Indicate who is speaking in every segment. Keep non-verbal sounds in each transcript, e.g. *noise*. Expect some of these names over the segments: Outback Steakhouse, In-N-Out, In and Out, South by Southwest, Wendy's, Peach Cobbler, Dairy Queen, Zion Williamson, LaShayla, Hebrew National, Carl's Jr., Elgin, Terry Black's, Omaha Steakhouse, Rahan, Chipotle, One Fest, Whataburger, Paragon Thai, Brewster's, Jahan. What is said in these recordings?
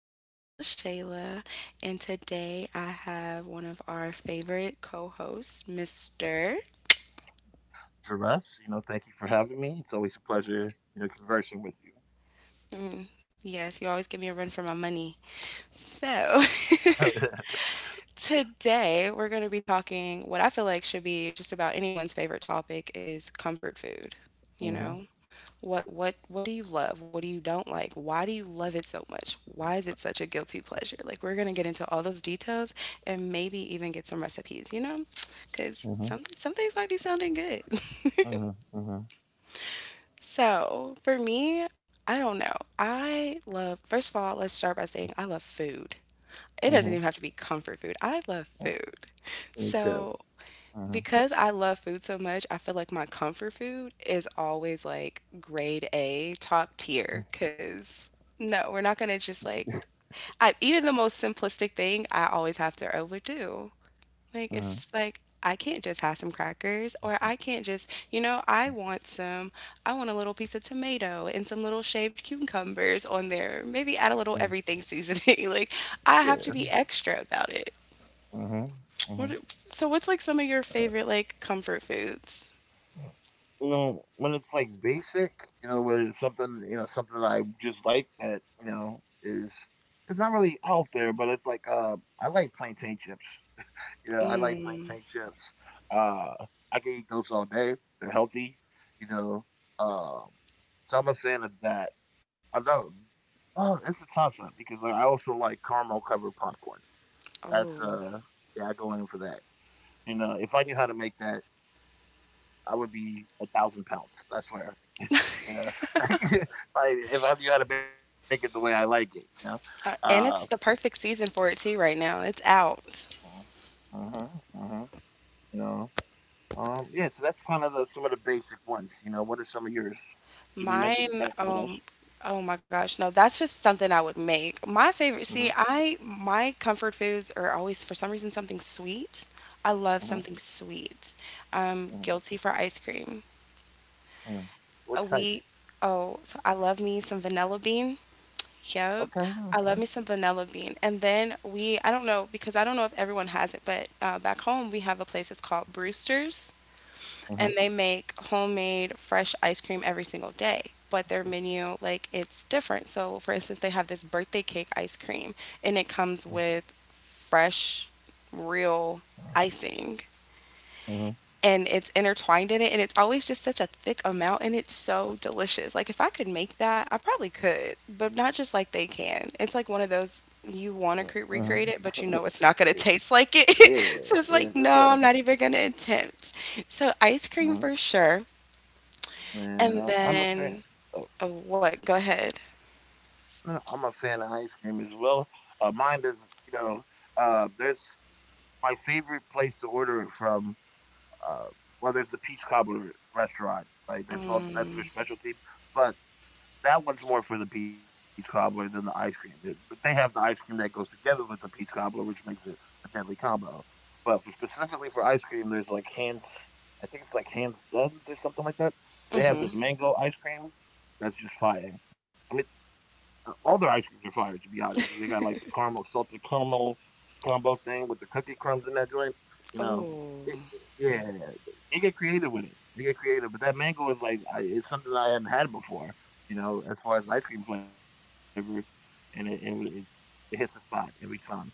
Speaker 1: It's your host, LaShayla, and today I have one of our favorite co hosts, Mr.
Speaker 2: For us. Thank you for having me. It's always a pleasure, conversing with you.
Speaker 1: Yes, you always give me a run for my money. So, *laughs*
Speaker 2: *laughs*
Speaker 1: today, we're going to be talking what I feel like should be just about anyone's favorite topic is comfort food, you
Speaker 2: mhm,
Speaker 1: know? What do you love? What do you don't like? Why do you love it so much? Why is it such a guilty pleasure? Like we're going to get into all those details and maybe even get some recipes, you know? Cuz
Speaker 2: mhm,
Speaker 1: some things might be sounding good.
Speaker 2: mhm, mhm,
Speaker 1: *laughs* So, for me, I don't know. I love First of all, let's start by saying I love food. It doesn't
Speaker 2: mhm.
Speaker 1: even have to be comfort food. I love
Speaker 2: Mm,
Speaker 1: food.
Speaker 2: Me too.
Speaker 1: So,
Speaker 2: Mhm,
Speaker 1: because I love food so much, I feel like my comfort food is always like grade A, top tier.
Speaker 2: mhm,
Speaker 1: Because no, we're not going to just like,
Speaker 2: *laughs*
Speaker 1: even the most simplistic thing, I always have to overdo. Like, it's
Speaker 2: mhm.
Speaker 1: just like, I can't just have some crackers, or I can't just, I want some, I want a little piece of tomato and some little shaved cucumbers on there. Maybe add a little
Speaker 2: mhm.
Speaker 1: everything seasoning. *laughs* Like, I have to
Speaker 2: Yeah.
Speaker 1: be extra about it.
Speaker 2: Mhm,
Speaker 1: What,
Speaker 2: mhm.
Speaker 1: so what's like some of your favorite like comfort foods?
Speaker 2: You know, when it's like basic, when it's something, something that I just like that, is it's not really out there, but it's like I like plantain chips. Yeah, I like plantain chips. Uh, I can eat those all day. They're healthy, you know. Um, so I'm a fan of that. I know. Oh, it's a toss up because like, I also like caramel covered popcorn. That's
Speaker 1: Oh,
Speaker 2: yeah, I go in for that. You know, if I knew how to make that, I would be 1,000 pounds. I swear. *laughs* *laughs* If if I knew how to make it the way I like it, you know. Uh,
Speaker 1: and it's the perfect season for it too right now. It's out.
Speaker 2: mhm, mhm. You know. Yeah, so that's kind of some of the basic ones. You know, what are some of yours? You mentioned the
Speaker 1: Mine,
Speaker 2: cracker. What else?
Speaker 1: oh my gosh, no, that's just something I would make. My favorite, see,
Speaker 2: hmm
Speaker 1: I my comfort foods are always for some reason something sweet. I love something
Speaker 2: huh.
Speaker 1: sweet. I'm
Speaker 2: Uh
Speaker 1: guilty for ice cream.
Speaker 2: huh. What
Speaker 1: We,
Speaker 2: types?
Speaker 1: oh, so I love me some vanilla bean. Yep.
Speaker 2: Okay.
Speaker 1: I love me
Speaker 2: Okay.
Speaker 1: some vanilla bean. And then we, I don't know, because I don't know if everyone has it, but back home we have a place that's called Brewster's. And
Speaker 2: Uh Uh
Speaker 1: they
Speaker 2: huh.
Speaker 1: make homemade fresh ice cream every single day. But their menu, like, it's different. So, for instance, they have this birthday cake ice cream, and it comes with fresh, real icing,
Speaker 2: hmm
Speaker 1: and it's intertwined in it, and it's always just such a thick amount, and it's so delicious. Like, if I could make that, I probably could, but not just like they can. It's like one of those you want to
Speaker 2: hmm
Speaker 1: recreate it,
Speaker 2: hmm
Speaker 1: but you know it's
Speaker 2: *laughs*
Speaker 1: not going to *laughs* taste like it.
Speaker 2: yeah.
Speaker 1: *laughs* So it's
Speaker 2: Yeah.
Speaker 1: like, no,
Speaker 2: That's
Speaker 1: I'm not even going to attempt. So, ice cream
Speaker 2: hmm
Speaker 1: for sure.
Speaker 2: And
Speaker 1: And
Speaker 2: I'm a fan.
Speaker 1: then,
Speaker 2: Oh,
Speaker 1: oh, what? Go ahead.
Speaker 2: no, I'm a fan of ice cream as well. Mine is, you know, there's my favorite place to order it from. Uh, well, there's the Peach Cobbler restaurant. Like that's all.
Speaker 1: Mm,
Speaker 2: That's their specialty. But that one's more for the peach cobbler than the ice cream. It- But they have the ice cream that goes together with the peach cobbler, which makes it a deadly combo. But for, specifically for ice cream, there's like hands. I think it's like hands duns or something like that.
Speaker 1: mm-hmm.
Speaker 2: They have this mango ice cream that's just fire. I mean, all their ice creams are fire to be honest, because they got like the caramel, salted caramel combo thing with the cookie crumbs in that joint. You know,
Speaker 1: Oh,
Speaker 2: yeah, they get creative with it. They get creative, but that mango is like it's something I hadn't had before. You know, as far as ice cream flavor, and it hits the spot every time. You know,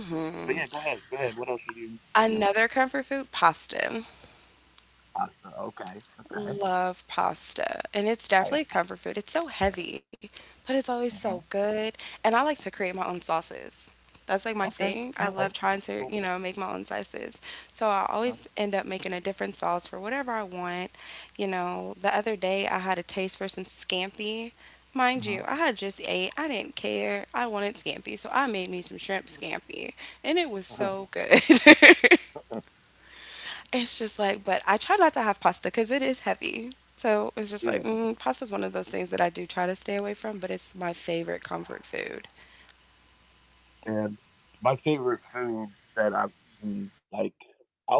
Speaker 2: but yeah, go ahead, go ahead. What else were you thinking of?
Speaker 1: Another comfort food, pasta.
Speaker 2: Pasta. Okay, okay.
Speaker 1: Love pasta, and it's
Speaker 2: Oh yeah.
Speaker 1: definitely a comfort food. It's so heavy, but it's
Speaker 2: Uh-huh.
Speaker 1: always so good. And I like to create my own sauces. That's
Speaker 2: Okay,
Speaker 1: like my
Speaker 2: okay.
Speaker 1: thing.
Speaker 2: Wait.
Speaker 1: I love trying
Speaker 2: So.
Speaker 1: to, make my own sauces. So I
Speaker 2: Uh
Speaker 1: always end up making a different sauce for whatever I want. You know, the other day I had a taste for some scampi. Mind
Speaker 2: huh.
Speaker 1: you, I had just ate. I didn't care. I wanted scampi, so I made me some shrimp scampi, and it
Speaker 2: Uh
Speaker 1: was so good. *laughs*
Speaker 2: huh.
Speaker 1: It's just like, but I try not to have pasta because it is heavy. So it's
Speaker 2: *laughs*
Speaker 1: just like,
Speaker 2: yeah.
Speaker 1: pasta is one of those things that I do try to stay away from, but it's my favorite comfort food.
Speaker 2: And my favorite food that I've eaten, like, out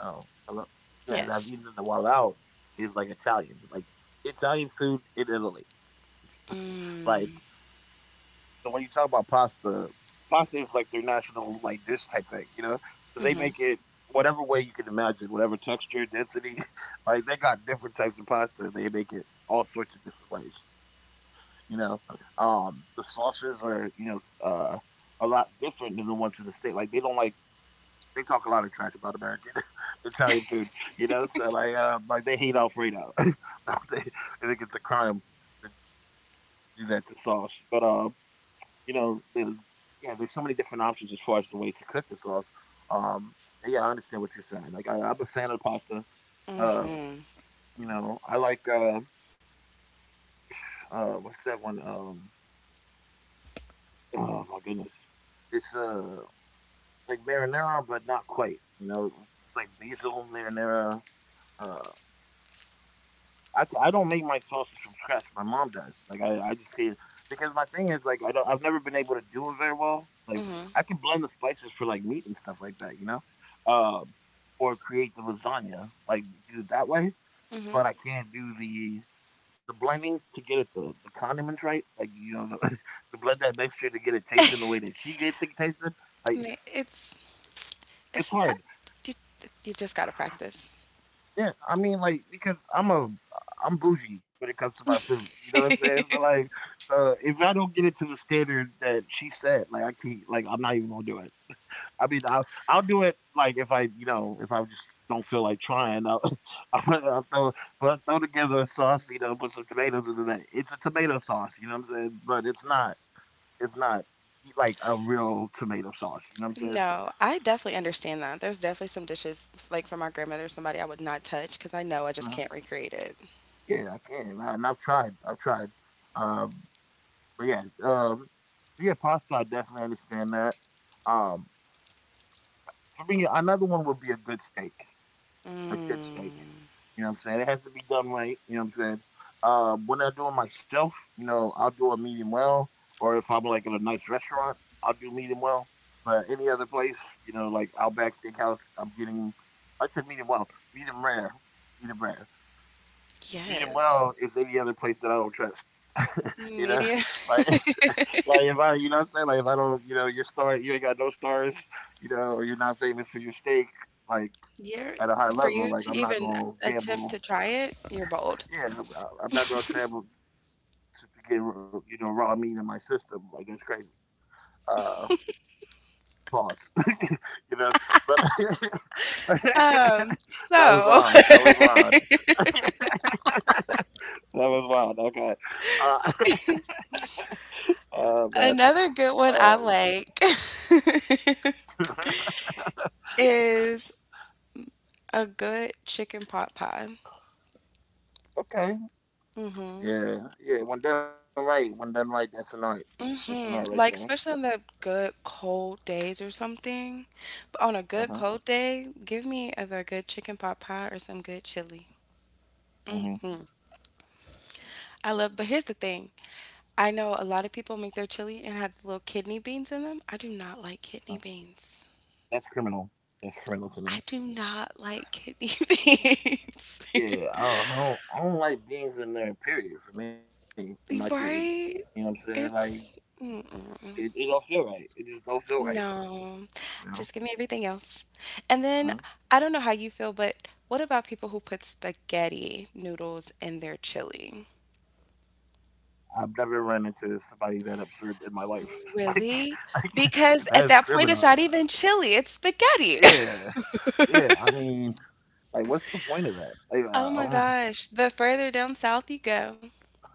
Speaker 2: oh, hello? Yeah, that I've
Speaker 1: Yes.
Speaker 2: eaten in the while out is, like, Italian. Like, Italian food in Italy. Like,
Speaker 1: Mm.
Speaker 2: so when you talk about pasta, pasta is like their national like dish type thing, you know. So they make
Speaker 1: Mhm.
Speaker 2: it whatever way you can imagine, whatever texture, density. *laughs* Like they got different types of pasta. They make it all sorts of different ways, you know. The sauces are you know uh, a lot different than the ones in the state. Like they don't like they talk a lot of trash about American *laughs* Italian food, you know. So like they hate Alfredo. *laughs* I think it's a crime to do that to sauce, but you know, yeah, there's so many different options as far as the ways to cook the sauce. Um, yeah, I understand what you're saying. Like, I'm a fan of pasta. Uh,
Speaker 1: Mhm.
Speaker 2: you know, I like what's that one? Oh my goodness, it's like marinara, but not quite. You know, it's like basil marinara. Uh, c- I don't make my sauces from scratch. My mom does. Like I just can't because my thing is like I've never been able to do it very well. Like
Speaker 1: Mhm.
Speaker 2: I can blend the spices for like meat and stuff like that, you know, um, or create the lasagna like do it that way. But
Speaker 1: Mhm.
Speaker 2: I can't do the blending to get it the condiments right. Like you know *laughs* to blend that mixture to get it tasting the way that she gets it tasted.
Speaker 1: I
Speaker 2: Like
Speaker 1: mean,
Speaker 2: it's
Speaker 1: it's a pra-
Speaker 2: hard.
Speaker 1: you, you just gotta practice.
Speaker 2: Yeah, I mean, like because I'm bougie when it comes to my food. You know what I'm saying? So like, if I don't get it to the standard that she said, like I can't, like I'm not even gonna do it. I mean, I'll do it like if I, you know, if I just don't feel like trying, I'll, *laughs* I'll throw but I'll throw together a sauce, you know, put some tomatoes into that. It's a tomato sauce, you know what I'm saying? But it's not like a real tomato sauce. You know what I'm saying?
Speaker 1: No, I definitely understand that. There's definitely some dishes like from my grandmother, somebody I would not touch because I know I just
Speaker 2: Mhm.
Speaker 1: can't recreate it.
Speaker 2: Yeah, I can, and I've I've tried. Um, But yeah, so yeah, pasta. I definitely understand that. Um, for me, another one would be a good steak. A good steak.
Speaker 1: Mm.
Speaker 2: You know what I'm saying? It has to be done right. You know what I'm saying? When I do it myself, you know, I'll do a medium well. Or if I'm like at a nice restaurant, I'll do medium well. But any other place, you know, like Outback Steakhouse, I'm getting. I said medium rare, medium rare. Medium
Speaker 1: Yes.
Speaker 2: well is any other place that I don't trust. *laughs* You know,
Speaker 1: Media.
Speaker 2: *laughs*
Speaker 1: *laughs*
Speaker 2: like *laughs* like if I, you know, what I'm saying, like if I don't, you know, your star, you ain't got no stars, you know, or you're not famous for your steak, like
Speaker 1: You're
Speaker 2: at a high
Speaker 1: For
Speaker 2: level,
Speaker 1: you
Speaker 2: like
Speaker 1: to
Speaker 2: I'm not
Speaker 1: even
Speaker 2: gonna
Speaker 1: attempt
Speaker 2: gamble.
Speaker 1: to try it, you're bold.
Speaker 2: Yeah, I'm not gonna travel to get you know raw meat in my system. Like that's crazy. Uh, Pause. *laughs* you know, but *laughs* that was
Speaker 1: Um,
Speaker 2: wild. That was
Speaker 1: so
Speaker 2: wild. *laughs* that was wild. Okay. Uh, *laughs* oh man.
Speaker 1: *laughs* another good
Speaker 2: Um.
Speaker 1: one I like *laughs*
Speaker 2: *laughs*
Speaker 1: is a good chicken pot pie.
Speaker 2: Okay. Yeah. Yeah. When done right, that's an art. That's an art right there.
Speaker 1: Like especially on the good cold days or something.
Speaker 2: Uh
Speaker 1: But on
Speaker 2: huh.
Speaker 1: a good cold day, give me either a good chicken pot pie or some good chili.
Speaker 2: Mm-hmm.
Speaker 1: But here's the thing. I know a lot of people make their chili and have little kidney beans in them. I do not
Speaker 2: Uh,
Speaker 1: like kidney beans.
Speaker 2: that's criminal. That's criminal to me.
Speaker 1: I do not like kidney *laughs* beans. *laughs*
Speaker 2: Yeah. I don't like beans in there. Period. For me, in my chili. You know what
Speaker 1: Right?
Speaker 2: I'm saying? Like
Speaker 1: It's
Speaker 2: it.
Speaker 1: mm-mm.
Speaker 2: It don't feel right. It just don't feel right.
Speaker 1: No.
Speaker 2: You
Speaker 1: Just
Speaker 2: know.
Speaker 1: give me everything else. And then
Speaker 2: Uh-huh.
Speaker 1: I don't know how you feel, but what about people who put spaghetti noodles in their chili?
Speaker 2: I've never run into somebody that absurd in my life. *laughs*
Speaker 1: Really?
Speaker 2: Like,
Speaker 1: Because
Speaker 2: like
Speaker 1: at
Speaker 2: that is
Speaker 1: that point, it's not
Speaker 2: criminal.
Speaker 1: even chili, it's spaghetti. *laughs*
Speaker 2: Yeah. Yeah. I mean, like, what's the point of that?
Speaker 1: Oh my
Speaker 2: Like, I
Speaker 1: gosh.
Speaker 2: don't.
Speaker 1: The further down south you go,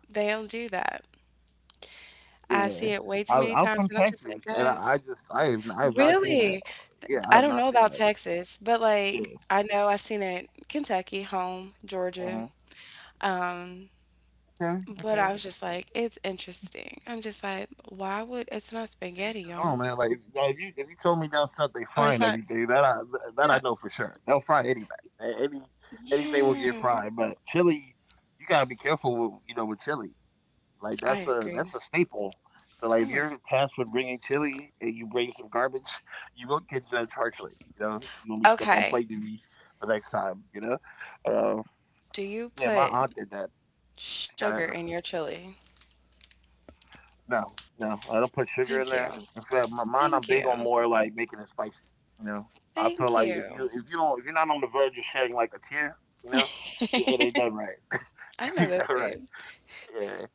Speaker 1: they'll do that. I
Speaker 2: Yeah,
Speaker 1: see it way too many
Speaker 2: I'm
Speaker 1: times,
Speaker 2: from
Speaker 1: and I'm just like,
Speaker 2: Texas, and
Speaker 1: guys,
Speaker 2: I have not seen
Speaker 1: really?
Speaker 2: that.
Speaker 1: I
Speaker 2: Yeah, I
Speaker 1: don't know
Speaker 2: have not
Speaker 1: about
Speaker 2: seen that.
Speaker 1: Texas, but like I
Speaker 2: Yeah.
Speaker 1: know I've seen it Kentucky, home, Georgia.
Speaker 2: uh
Speaker 1: Um,
Speaker 2: Okay.
Speaker 1: but I was just
Speaker 2: Okay.
Speaker 1: like, it's interesting. I'm just like, why would
Speaker 2: To
Speaker 1: it's
Speaker 2: each
Speaker 1: not
Speaker 2: his own,
Speaker 1: spaghetti,
Speaker 2: man. Like
Speaker 1: y'all?
Speaker 2: if, now, if you told me down south they frying
Speaker 1: Or it's not,
Speaker 2: everything, that I
Speaker 1: yeah.
Speaker 2: know for sure. They'll fry anything. A- Any anything will get
Speaker 1: Yeah,
Speaker 2: fried. But chili, you gotta be careful with you know with chili. Like
Speaker 1: I
Speaker 2: that's a
Speaker 1: agree.
Speaker 2: staple. So like if you're
Speaker 1: Oh my.
Speaker 2: tasked with bringing chili and you bring some garbage, you will get judged harshly. You know you gonna be stuck on plate
Speaker 1: Okay.
Speaker 2: duty the next time. You know, uh,
Speaker 1: Do you
Speaker 2: yeah. My
Speaker 1: put
Speaker 2: aunt did that. She got a
Speaker 1: sugar in your chili?
Speaker 2: no, no, I don't put sugar in there.
Speaker 1: Thank
Speaker 2: In
Speaker 1: you.
Speaker 2: fact, my mine, I'm big on
Speaker 1: Thank
Speaker 2: more
Speaker 1: you.
Speaker 2: like making it spicy. You know, I feel like
Speaker 1: Thank
Speaker 2: if you if
Speaker 1: you.
Speaker 2: you don't if you're not on the verge of shedding like a tear, you know, yeah, it ain't done
Speaker 1: *laughs*
Speaker 2: right. *laughs* It
Speaker 1: I
Speaker 2: ain't
Speaker 1: know
Speaker 2: done
Speaker 1: that
Speaker 2: right.
Speaker 1: thing.
Speaker 2: Yeah,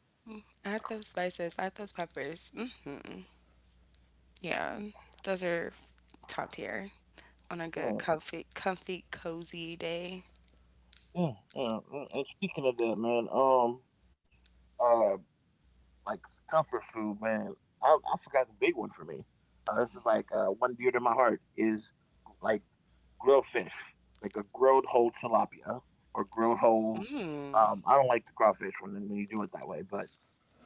Speaker 1: Add those spices, add those peppers. Hmm, yeah, those are top tier. On a
Speaker 2: yeah,
Speaker 1: good comfy, comfy, cozy day.
Speaker 2: yeah. Mm, and speaking of that, man, uh, like comfort food, man. I I forgot the big one for me. This is like one dear to my heart is like grilled fish, like a grilled whole tilapia or grilled whole.
Speaker 1: Mm.
Speaker 2: I don't like the crawfish when you do it that way, but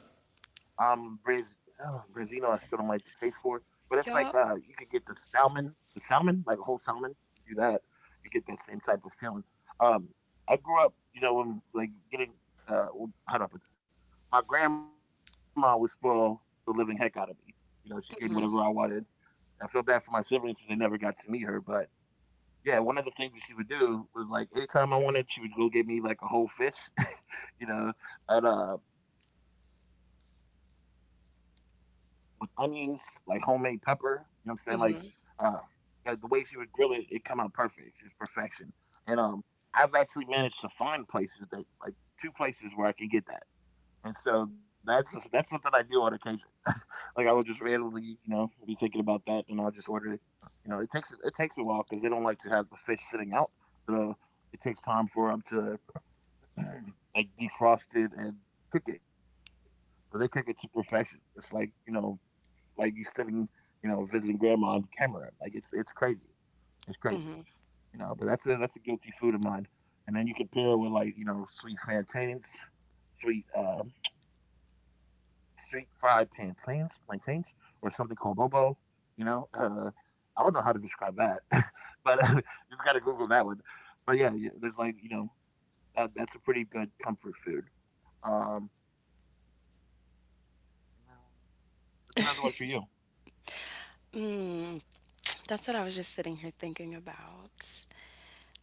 Speaker 2: um, Brez, Brezino, I still don't like the taste for it, but it's like you could
Speaker 1: Y'all,
Speaker 2: get the salmon, like a whole salmon. You do that, you get that same type of feeling. Um, I grew up, you know, when like getting well, how do I put this? My grandma would spoil the living heck out of me. You know, she gave me whatever I
Speaker 1: mhm,
Speaker 2: wanted. I feel bad for my siblings because they never got to meet her, but yeah, one of the things that she would do was like anytime I wanted, she would go get me like a whole fish, *laughs* you know, and with onions, like homemade pepper, you know what I'm saying? Like uh yeah, the
Speaker 1: mhm,
Speaker 2: way she would grill it, it come out perfect. It's perfection. And I've actually managed to find places that like two places where I can get that. And so that's something I do on occasion. *laughs* Like I will just randomly, you know, be thinking about that, and I'll just order it. You know, it takes a while because they don't like to have the fish sitting out. So it takes time for them to *clears throat* like defrost it and cook it. But they cook it to perfection. It's like like you sitting, you know, visiting grandma in Cameroon. Like it's crazy. It's crazy.
Speaker 1: mhm.
Speaker 2: You know, but that's a guilty food of mine. And then you can pair it with like you know sweet plantains, sweet street fried plantains, plantains, or something called bobo. You know, I don't know how to describe that, *laughs* but *laughs* you just gotta Google that one. But yeah, there's like you know that's a pretty good comfort food. Um, that's another one for you.
Speaker 1: Mm. *tsk* That's what I was just sitting here thinking about.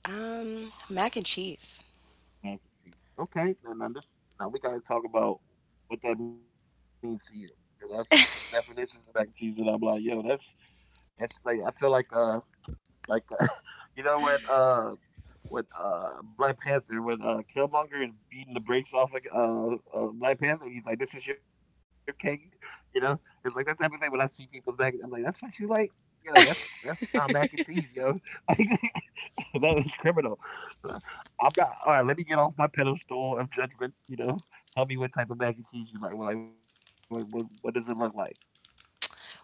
Speaker 1: Mac and cheese.
Speaker 2: American cheese. Okay, now we gotta talk about what that means to you. Cause I see some definitions of mac and cheese, and I'm like, yo, that's like I feel like *laughs* you know when Black Panther, when Killmonger is beating the brakes off like Black Panther, he's like, this is your king, you know? It's like that type of thing. When I see people's mac, I'm like, that's what you like? Yo, that's not mac and cheese, yo. *laughs* Like that is criminal. Uh, I'm not, all right, let me get off my pedestal of judgment. You know, tell me what type of mac and cheese you like. Like what does it look like?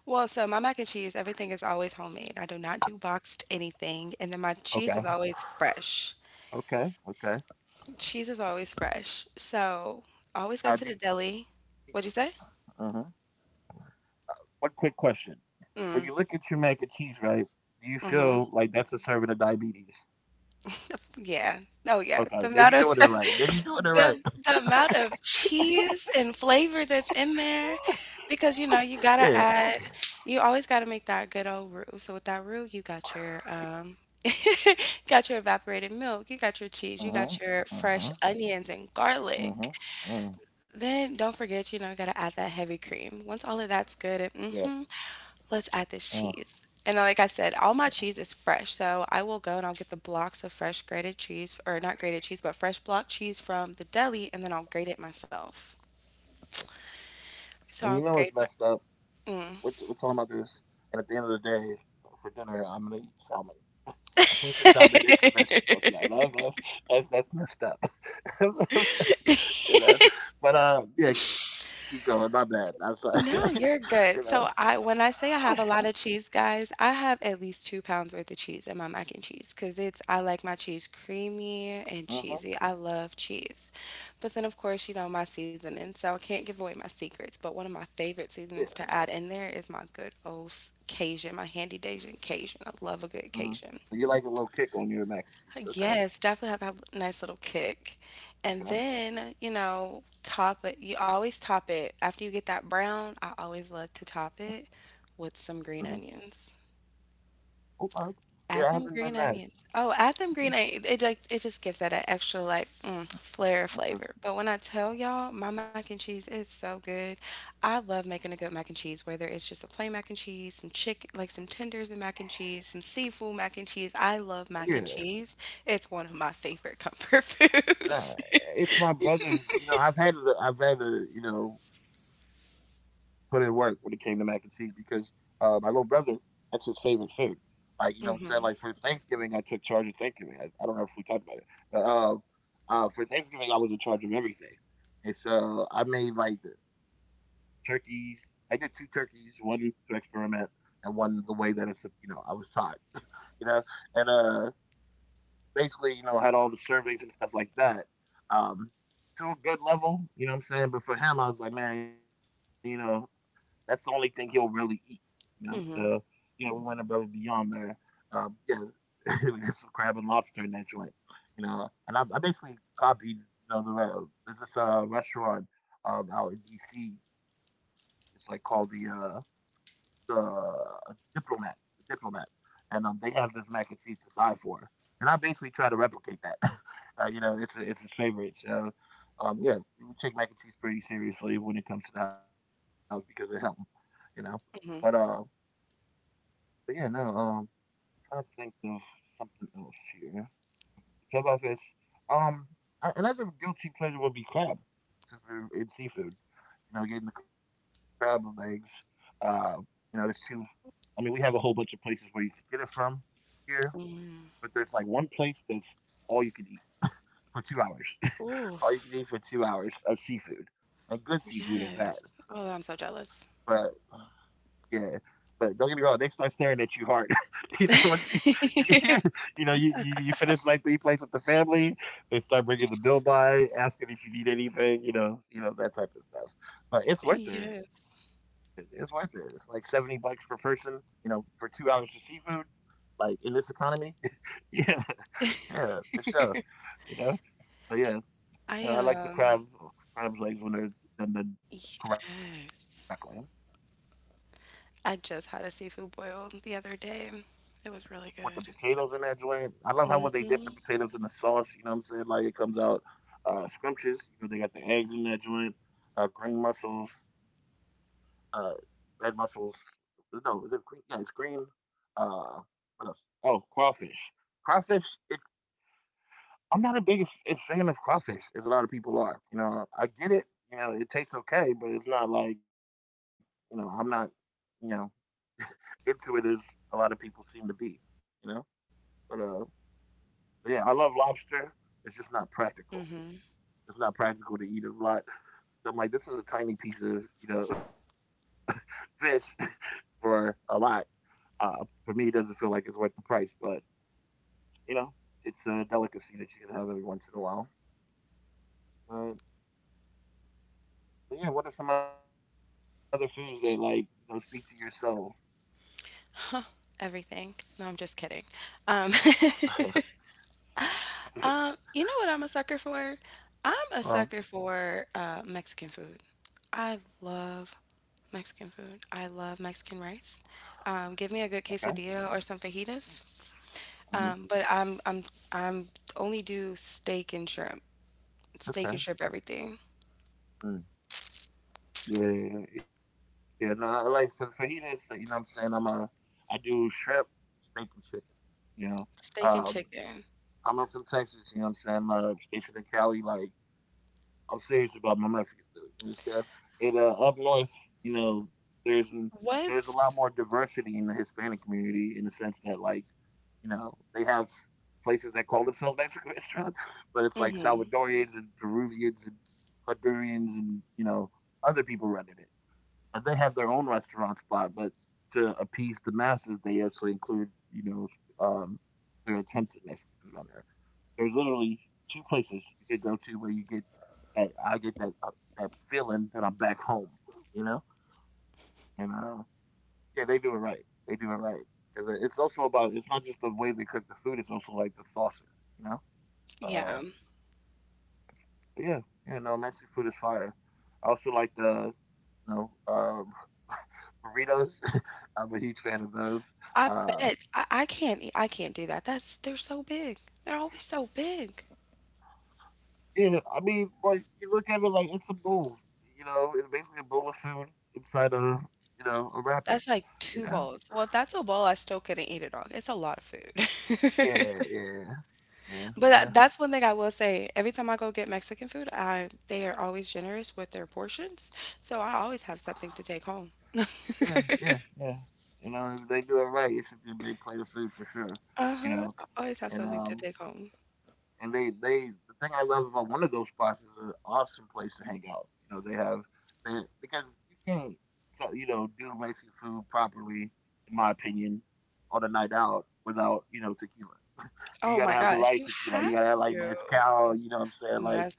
Speaker 1: Well, so my mac and cheese, everything is always homemade. I do not do boxed anything, and then my cheese
Speaker 2: Okay,
Speaker 1: is always fresh.
Speaker 2: okay, okay.
Speaker 1: Cheese is always fresh. So, always go
Speaker 2: Now
Speaker 1: to
Speaker 2: do
Speaker 1: the
Speaker 2: you-
Speaker 1: deli. What'd
Speaker 2: uh-huh.
Speaker 1: you say?
Speaker 2: One quick question. When you look at
Speaker 1: Mm,
Speaker 2: your mac and cheese, right, do you feel like
Speaker 1: mhm.
Speaker 2: that's a serving of diabetes?
Speaker 1: Yeah. Oh, yeah.
Speaker 2: Okay,
Speaker 1: The
Speaker 2: then
Speaker 1: amount
Speaker 2: you're
Speaker 1: of
Speaker 2: doing it right. Then you're doing it right.
Speaker 1: The the amount
Speaker 2: *laughs*
Speaker 1: of cheese and flavor that's in there, because,
Speaker 2: Yeah.
Speaker 1: you always gotta make that good old roux. So with that roux, *laughs* you got your evaporated milk, you got your cheese, you got your
Speaker 2: Uh
Speaker 1: fresh
Speaker 2: Uh huh.
Speaker 1: onions and garlic.
Speaker 2: huh. Uh huh. Uh.
Speaker 1: Then don't forget, you gotta add that heavy cream. Once all of that's good and
Speaker 2: Yeah.
Speaker 1: mhm. Let's add this
Speaker 2: Uh.
Speaker 1: cheese. And like I said, all my cheese is fresh. So I will go and I'll get the blocks of fresh grated cheese, or not grated cheese, but fresh block cheese from the deli, and then I'll grate it myself. So
Speaker 2: And
Speaker 1: I'll
Speaker 2: you know
Speaker 1: grate
Speaker 2: what's messed up?
Speaker 1: my.
Speaker 2: We're talking about this, and at the end of the day, for dinner, I'm gonna eat salmon. A piece of
Speaker 1: Mm. *laughs*
Speaker 2: salmon. It's a vegetables. Yeah, that's messed up. *laughs* That's messed up, you know? But, yeah, keep going. My bad. I'm sorry.
Speaker 1: No, you're
Speaker 2: *laughs* You
Speaker 1: good.
Speaker 2: know?
Speaker 1: So I when I say I have a lot of cheese, guys, I have at least 2 pounds worth of cheese in my mac and cheese because it's I like my cheese creamy and cheesy. I
Speaker 2: Mhm.
Speaker 1: love cheese. But then, of course, my seasoning, so I can't give away my secrets, but one of my
Speaker 2: Yeah.
Speaker 1: favorite seasonings to add in there is my good old Cajun, my handy Cajun. I love a good
Speaker 2: Mhm.
Speaker 1: Cajun.
Speaker 2: So you like a little kick on your mac and cheese? Okay.
Speaker 1: Yes, definitely have that nice little kick. And
Speaker 2: Okay.
Speaker 1: then, top it. You always top it. After you get that brown, I always
Speaker 2: Mm.
Speaker 1: love to top it with
Speaker 2: Mhm.
Speaker 1: some green onions.
Speaker 2: Okay. Yeah, I
Speaker 1: Add
Speaker 2: haven't
Speaker 1: them
Speaker 2: done
Speaker 1: green
Speaker 2: that.
Speaker 1: onions. Oh, add them
Speaker 2: Okay.
Speaker 1: green onions. It like it just gives that an extra like flair
Speaker 2: Okay.
Speaker 1: flavor. But when I tell y'all, my mac and cheese is so good. I love making a good mac and cheese, whether it's just a plain mac and cheese, some chicken, like some tenders and mac and cheese, some seafood mac and cheese. I love
Speaker 2: Yeah.
Speaker 1: mac and cheese. It's one of my favorite comfort *laughs*
Speaker 2: Nah,
Speaker 1: foods.
Speaker 2: it's my brother's. You know, I've had to. I've had to. You know, put in work when it came to mac and cheese because my little brother, that's his favorite food. Like you know, what I'm saying, like for Thanksgiving, I took charge of Thanksgiving. I don't know if we talked about it. For Thanksgiving, I was in charge of everything, and so I made like the turkeys. I did two turkeys, one to experiment and one the way that it's you know I was taught, you know, and basically you know had all the servings and stuff like that, um, to a good level, you know what I'm saying. But for him, I was like, man, you know, that's the only thing he'll really eat, you know. So
Speaker 1: *laughs* hmm
Speaker 2: yeah, we went above and beyond there. Yeah, *laughs* we got some crab and lobster in that joint, you know. And I basically copied, you know, there's this restaurant out in D.C. It's like called the the diplomat, the diplomat, and they have this mac and cheese to die for, and I basically try to replicate that. *laughs* You know, it's it's his favorite. So, yeah, we take mac and cheese pretty seriously when it comes to the house because of him. You know, but uh,
Speaker 1: hmm
Speaker 2: but yeah, no. Trying to think of something else here. So about this, um, another guilty pleasure would be crab, since we're in seafood. You know, getting the crab legs. Uh, you know, there's two, I mean, we have a whole bunch of places where you can get it from here, but there's like one place that's all you can eat for 2 hours.
Speaker 1: Ooh,
Speaker 2: *laughs* All you can eat for 2 hours of seafood, and good seafood at
Speaker 1: yes.
Speaker 2: that.
Speaker 1: Oh, I'm so
Speaker 2: But
Speaker 1: jealous.
Speaker 2: yeah, but don't get me wrong, they start staring at you hard. *laughs* You know, once you, *laughs* you
Speaker 1: *laughs*
Speaker 2: know, you finish like three plates with the family, they start bringing the bill by, asking if you need anything. You know that type of stuff. But it's worth it.
Speaker 1: Yes,
Speaker 2: It's worth it. It's like $70 per person. You know, for 2 hours of seafood, like in this economy. *laughs* Yeah. Yeah, for sure. You know, but yeah, yeah, I
Speaker 1: I
Speaker 2: like the crab
Speaker 1: am.
Speaker 2: crab legs when they're done correctly
Speaker 1: Yes. I just had a seafood boil the other day. It was really
Speaker 2: with the
Speaker 1: good.
Speaker 2: potatoes in that joint. I love how when they dip the
Speaker 1: Hmm.
Speaker 2: potatoes in the sauce, you know what I'm saying? Like it comes out scrumptious. You know, they got the eggs in that joint, green mussels, uh, red mussels. No, is it green? Yeah, it's green. Uh, what else? Oh, crawfish.
Speaker 1: I
Speaker 2: Crawfish,
Speaker 1: like
Speaker 2: it I'm not a big fan of crawfish, as a lot of
Speaker 1: What's it
Speaker 2: people are.
Speaker 1: called?
Speaker 2: You know, I get
Speaker 1: I
Speaker 2: it. You
Speaker 1: like
Speaker 2: know, it tastes
Speaker 1: um
Speaker 2: okay, but it's not like you know, I'm
Speaker 1: I
Speaker 2: not
Speaker 1: love I love
Speaker 2: you
Speaker 1: seafood,
Speaker 2: know
Speaker 1: so I love everything in my
Speaker 2: into
Speaker 1: seafood.
Speaker 2: it as a lot of people seem to be. You know, but uh, but yeah, I love lobster. It's just not
Speaker 1: Hmm
Speaker 2: practical. It's not practical to eat a lot. So I'm like, this is a tiny piece of you know *laughs* fish *laughs* for a lot. Uh, for me, it doesn't feel like it's worth the price, but you know, it's a delicacy that you can have every once in a while. Uh, But yeah, what are some other foods that like you know speak to your soul?
Speaker 1: Everything. No, I'm just kidding. Um,
Speaker 2: *laughs*
Speaker 1: *laughs* you know what I'm a sucker for? I'm a sucker
Speaker 2: Um,
Speaker 1: for Mexican food. I love Mexican food. I love Mexican rice. Give me a good
Speaker 2: okay.
Speaker 1: quesadilla or some fajitas.
Speaker 2: Hmm.
Speaker 1: But I'm only do steak and shrimp. Steak and shrimp
Speaker 2: Okay.
Speaker 1: everything.
Speaker 2: Mm. Yeah, yeah, yeah, yeah. No, I like for fajitas. So, you know, what I'm saying, I'm I do shrimp, steak, and chicken. You know,
Speaker 1: Steak and
Speaker 2: um,
Speaker 1: chicken.
Speaker 2: I'm from Texas. You know, what I'm saying, stationed in Cali. Like I'm serious about my Mexican food. You understand? And up north, you know, there's n- there's a lot
Speaker 1: What's?
Speaker 2: more diversity in the Hispanic community in the sense that, like, you know, they have places that call themselves Mexican restaurants, *laughs* but it's like
Speaker 1: Hmm,
Speaker 2: Salvadorians and Peruvians and Hondurans and you know other people running it, and they have their own restaurant spot. But to appease the masses, they also include you know um, their attempts at Mexican food on there. There's literally two places you could go to where you get that that feeling that I'm back home, you know. And yeah, they do it right. They do it right because it's also about, it's not just the way they cook the food. It's also like the sauces, you know. Uh,
Speaker 1: yeah.
Speaker 2: but yeah, yeah, no, Mexican food is fire. I also like the you know burritos. *laughs* I'm a huge fan of those.
Speaker 1: I
Speaker 2: Uh,
Speaker 1: bet I can't eat, I can't do that. That's They're so big. They're always so big.
Speaker 2: yeah, I mean, like you look at it like it's a bowl. You know, it's basically a bowl of food inside a you know a wrapping.
Speaker 1: That's like
Speaker 2: You
Speaker 1: two
Speaker 2: know,
Speaker 1: bowls. Well, if that's a bowl, I still couldn't eat it all. It's a lot of
Speaker 2: yeah,
Speaker 1: food. *laughs*
Speaker 2: yeah, yeah.
Speaker 1: But
Speaker 2: Well,
Speaker 1: that's one thing I will say. Every time I go get Mexican food, I they are always generous with their portions, so I always have something to take home. *laughs*
Speaker 2: yeah, yeah, yeah. You know, if they do it right, it should be a big plate of food for sure. You
Speaker 1: Uh-huh.
Speaker 2: know,
Speaker 1: I always have
Speaker 2: and
Speaker 1: something to
Speaker 2: um,
Speaker 1: take home.
Speaker 2: and they the thing I love about one of those spots is an awesome place to hang out. You know, they have, they, because you can't so you know do Mexican food properly, in my opinion, on a night out without you know tequila. You
Speaker 1: Oh
Speaker 2: gotta
Speaker 1: my
Speaker 2: have the
Speaker 1: gosh,
Speaker 2: right
Speaker 1: you
Speaker 2: tequila. You
Speaker 1: have
Speaker 2: gotta have like
Speaker 1: to.
Speaker 2: mezcal. You know what I'm saying? Like,
Speaker 1: Mez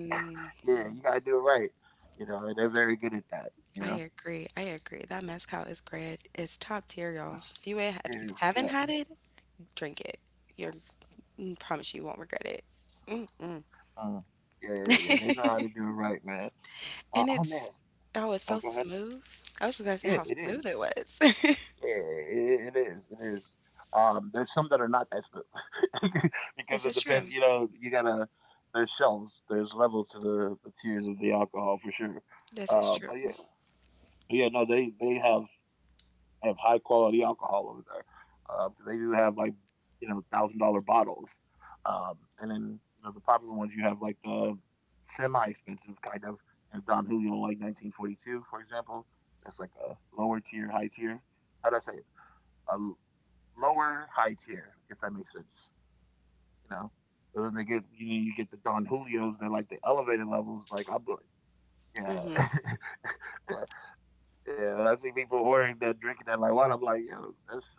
Speaker 2: *laughs* yeah, you gotta do it right. You know, and they're very good at that. You
Speaker 1: I
Speaker 2: know.
Speaker 1: agree. I agree. That mezcal is great. It's top tier, y'all. If
Speaker 2: Yeah,
Speaker 1: you
Speaker 2: yeah, for
Speaker 1: haven't
Speaker 2: sure.
Speaker 1: had it, drink it. You're I promise you won't regret it. Mm.
Speaker 2: Uh, yeah, yeah, yeah. They know how to do it right, man.
Speaker 1: And
Speaker 2: I'm
Speaker 1: it's
Speaker 2: asked.
Speaker 1: Oh, it's
Speaker 2: Oh,
Speaker 1: so
Speaker 2: go ahead.
Speaker 1: smooth. I was just gonna say
Speaker 2: Yeah,
Speaker 1: how
Speaker 2: it is.
Speaker 1: smooth it was. *laughs*
Speaker 2: Yeah, it is. It is. There's some that are not that smooth *laughs* because
Speaker 1: This
Speaker 2: it
Speaker 1: is true.
Speaker 2: depends. You know, you gotta. There's shelves. There's levels to the tiers of the alcohol for sure.
Speaker 1: This is true.
Speaker 2: But yeah, but yeah. No, they have high quality alcohol over there because they do have like you know $1,000 bottles, and then you know the popular ones you have like the semi expensive kind of you know, Don Julio like 1942 for example. That's like a lower tier, high tier. How do I say it? A l- Lower high tier, if that makes sense. You know, but then they get you know you get the Don Julios. They're like the elevated levels. Like I'm like
Speaker 1: Hmm
Speaker 2: yeah. *laughs* Yeah, yeah. When I see people ordering that, drinking that like what? I'm like, yo,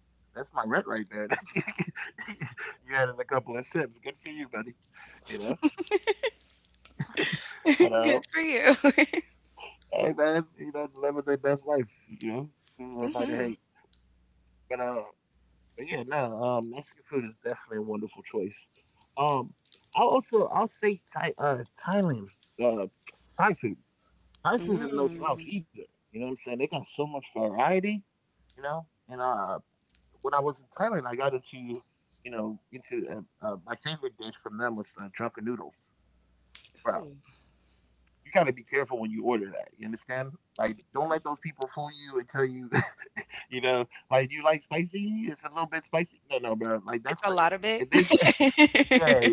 Speaker 2: that's my rent right there. *laughs* That you had in a couple of sips. Good for you, buddy. You know, but
Speaker 1: *laughs* Good for you. *laughs*
Speaker 2: hey man, you know, living their best life. You know, through a night of
Speaker 1: hmm
Speaker 2: hate. But uh, but yeah, no, Mexican food is definitely a wonderful choice. Um, I'll say Thai, Thailand, uh, Thai food. Thai food is no slouch
Speaker 1: Mm.
Speaker 2: either. You know what I'm saying? They got so much variety. You know, and when I was in Thailand, I got into, you know, into my favorite dish from them was drunken noodles. Bro,
Speaker 1: Ooh.
Speaker 2: you got to be careful when you order that. You understand? Like, don't let those people fool you and tell you, *laughs* you know, like you like spicy. It's a little bit spicy. No, no, bro. Like
Speaker 1: It's
Speaker 2: that's
Speaker 1: a
Speaker 2: the
Speaker 1: lot of
Speaker 2: if they, *laughs* yeah,
Speaker 1: it. *laughs*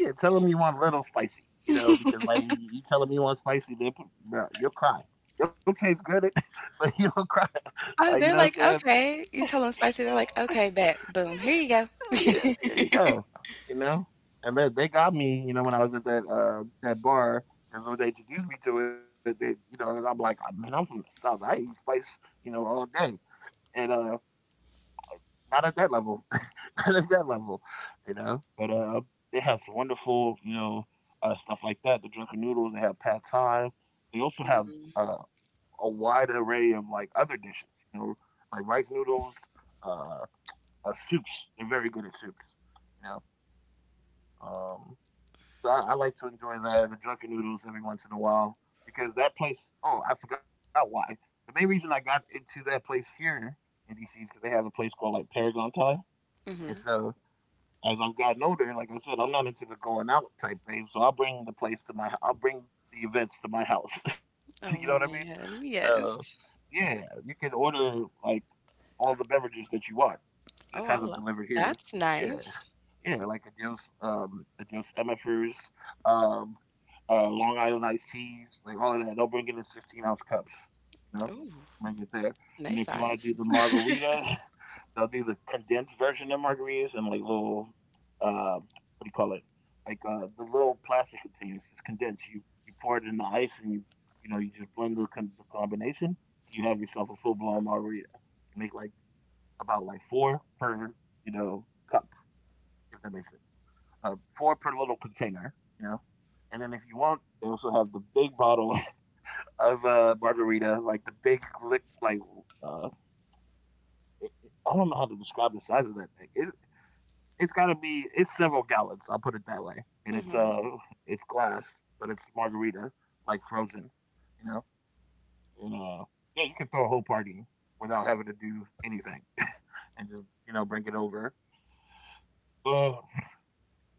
Speaker 2: yeah. Tell them you want a little spicy. You know, because like you tell them you want spicy, they put, bro, you'll cry. It'll taste good, *laughs* but you'll cry. *laughs*
Speaker 1: Oh,
Speaker 2: Like you
Speaker 1: they're
Speaker 2: know
Speaker 1: like,
Speaker 2: what I'm saying?
Speaker 1: "Okay." You tell them spicy, they're like, "Okay, bet. Boom. Here you go."
Speaker 2: Yeah, there you go. You know, and then they got me. You know, when I was at that bar, and so they introduced me to it. They, you know, and I'm like, I mean, I'm from the south. I eat spice, you know, all day, and not at that level, *laughs* not at that level, you know. But they have some wonderful, you know, stuff like that. The drunken noodles. They have pad thai. They also have
Speaker 1: Mhm.
Speaker 2: uh, a wide array of like other dishes. You know, like rice noodles, uh, soups. They're very good at soups. You know. Um, so I like to enjoy that the drunken noodles every once in a while because that place. Oh, I forgot why. The main reason I got into that place here in DC is because they have a place called like Paragon Thai, and
Speaker 1: Mhm.
Speaker 2: so as I've gotten older, like I said, I'm not into the going out type thing. So I'll bring the place to my. I'll bring the events to my house. *laughs* You know what I
Speaker 1: Oh,
Speaker 2: mean?
Speaker 1: man,
Speaker 2: So
Speaker 1: yes.
Speaker 2: yeah, you can order like all the beverages that you want. Just have them
Speaker 1: Oh, I
Speaker 2: delivered
Speaker 1: love
Speaker 2: here.
Speaker 1: that's
Speaker 2: Yeah.
Speaker 1: nice.
Speaker 2: Yeah, like Adios, Adios MFers, um, Long Island iced teas, like all of that. They'll bring it in 16-ounce cups, you know,
Speaker 1: Ooh,
Speaker 2: bring it there. And
Speaker 1: nice
Speaker 2: if you want to
Speaker 1: size.
Speaker 2: do the margarita, *laughs* they'll do the condensed version of margaritas and like little, uh, what do you call it? Like the little plastic containers. It's condensed. You pour it in the ice and you know you just blend the, the combination. You have yourself a full blown margarita. You make like about like four per you know cup, if that makes sense. Four per little container, you know. And then if you want, they also have the big bottles *laughs* of margarita, like the big lick, like uh, I don't know how to describe the size of that thing. It, it's got to be it's several gallons. I'll put it that way. And it's
Speaker 1: Mhm.
Speaker 2: uh it's glass, but it's margarita, like frozen, you know. And yeah, you can throw a whole party without having to do anything, *laughs* and just you know bring it over. Uh,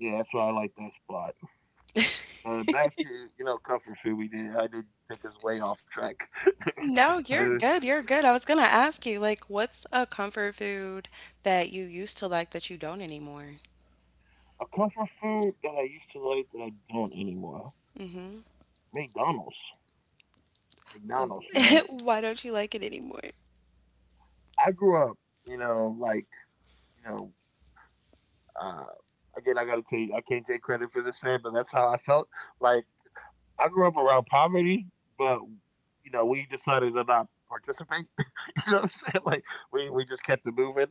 Speaker 2: Yeah, that's why I like that spot. Back to you know comfort food. We did. I did take us way off track.
Speaker 1: No,
Speaker 2: *laughs* uh,
Speaker 1: you're good, you're good. I was gonna ask you, like, what's a comfort food that you used to like that you don't anymore?
Speaker 2: a comfort food that I used to like that I don't anymore.
Speaker 1: Mhm.
Speaker 2: McDonald's.
Speaker 1: *laughs*
Speaker 2: McDonald's, man.
Speaker 1: Why don't you like it anymore?
Speaker 2: I grew up, you know, like you know. Uh, again, I gotta tell you, I can't take credit for this, man, but that's how I felt. Like I grew up around poverty, but, you know, we decided to not participate. *laughs* You know what I'm saying? Like, we just kept it moving,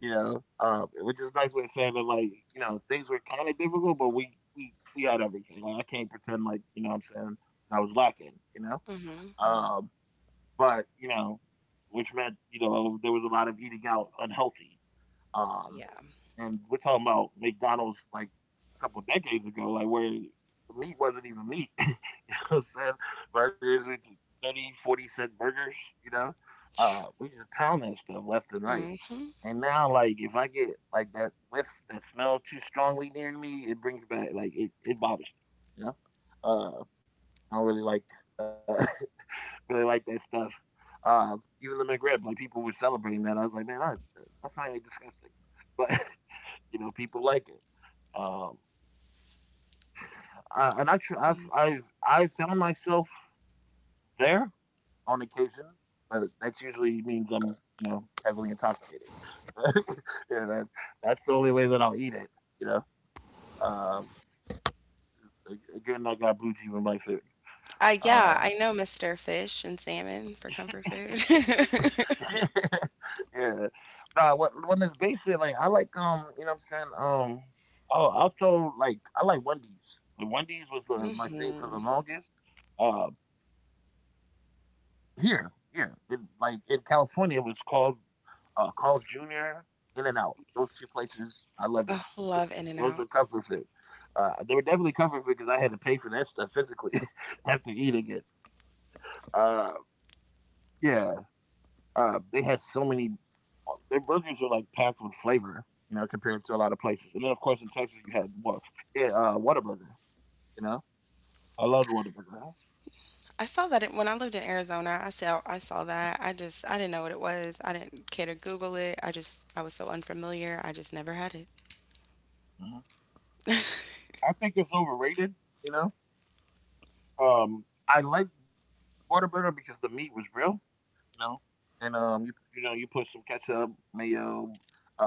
Speaker 2: you know, which is a nice way of saying that, like, you know, things were kind of difficult, but we had everything. Like, I can't pretend like, you know what I'm saying, I was lacking, you know?
Speaker 1: Mhm.
Speaker 2: Um, but, you know, which meant, you know, there was a lot of eating out unhealthy. Um,
Speaker 1: Yeah.
Speaker 2: and we're talking about McDonald's like a couple decades ago, like where the meat wasn't even meat. *laughs* You know what I'm saying? Burgers, we just 30, 40¢ burgers, you know?
Speaker 1: Sh
Speaker 2: We just pound that stuff left and right.
Speaker 1: Mhm.
Speaker 2: And now, like, if I get like that whiff, that smell too strongly near me, it brings back, like, it bothers me, you know? Uh, I don't really like, uh, *laughs* really like that stuff. Uh, even the McRib, like, people were celebrating that. I was like, man, I find it disgusting. But, *laughs* you know, people like it. Um, I, and I tr- I've I found myself there on occasion, but that's usually means I'm you know heavily intoxicated. *laughs* Yeah, that's the only way that I'll eat it. You know, um, again, I got blue cheese in my food. Uh,
Speaker 1: Yeah, I know Mr. Fish and salmon for
Speaker 2: *laughs*
Speaker 1: comfort food. *laughs*
Speaker 2: yeah. Nah, what when it's basic, like I like you know what I'm saying? Um oh also like I like Wendy's. The Wendy's was the my thing for the
Speaker 1: Mhm.
Speaker 2: longest. Uh Here, like in California, it was called Carl's Jr. In and Out. Those two places, I loved them.
Speaker 1: Oh, love
Speaker 2: Those were
Speaker 1: In-N-Out.
Speaker 2: comfort food. They were definitely comfort food because I had to pay for that stuff physically *laughs* after eating it. Uh, yeah, they had so many. Their burgers are like packed with flavor, you know, compared to a lot of places. And then, of course, in Texas, you had what? Yeah, Whataburger. You know, I loved Whataburger.
Speaker 1: I saw that it, when I lived in Arizona, I saw that. I didn't know what it was. I didn't care to Google it. I was so unfamiliar. I just never had it.
Speaker 2: Mhm. I think it's overrated. You know, I liked Whataburger because the meat was real, you know, and you you know you put some ketchup, mayo, uh,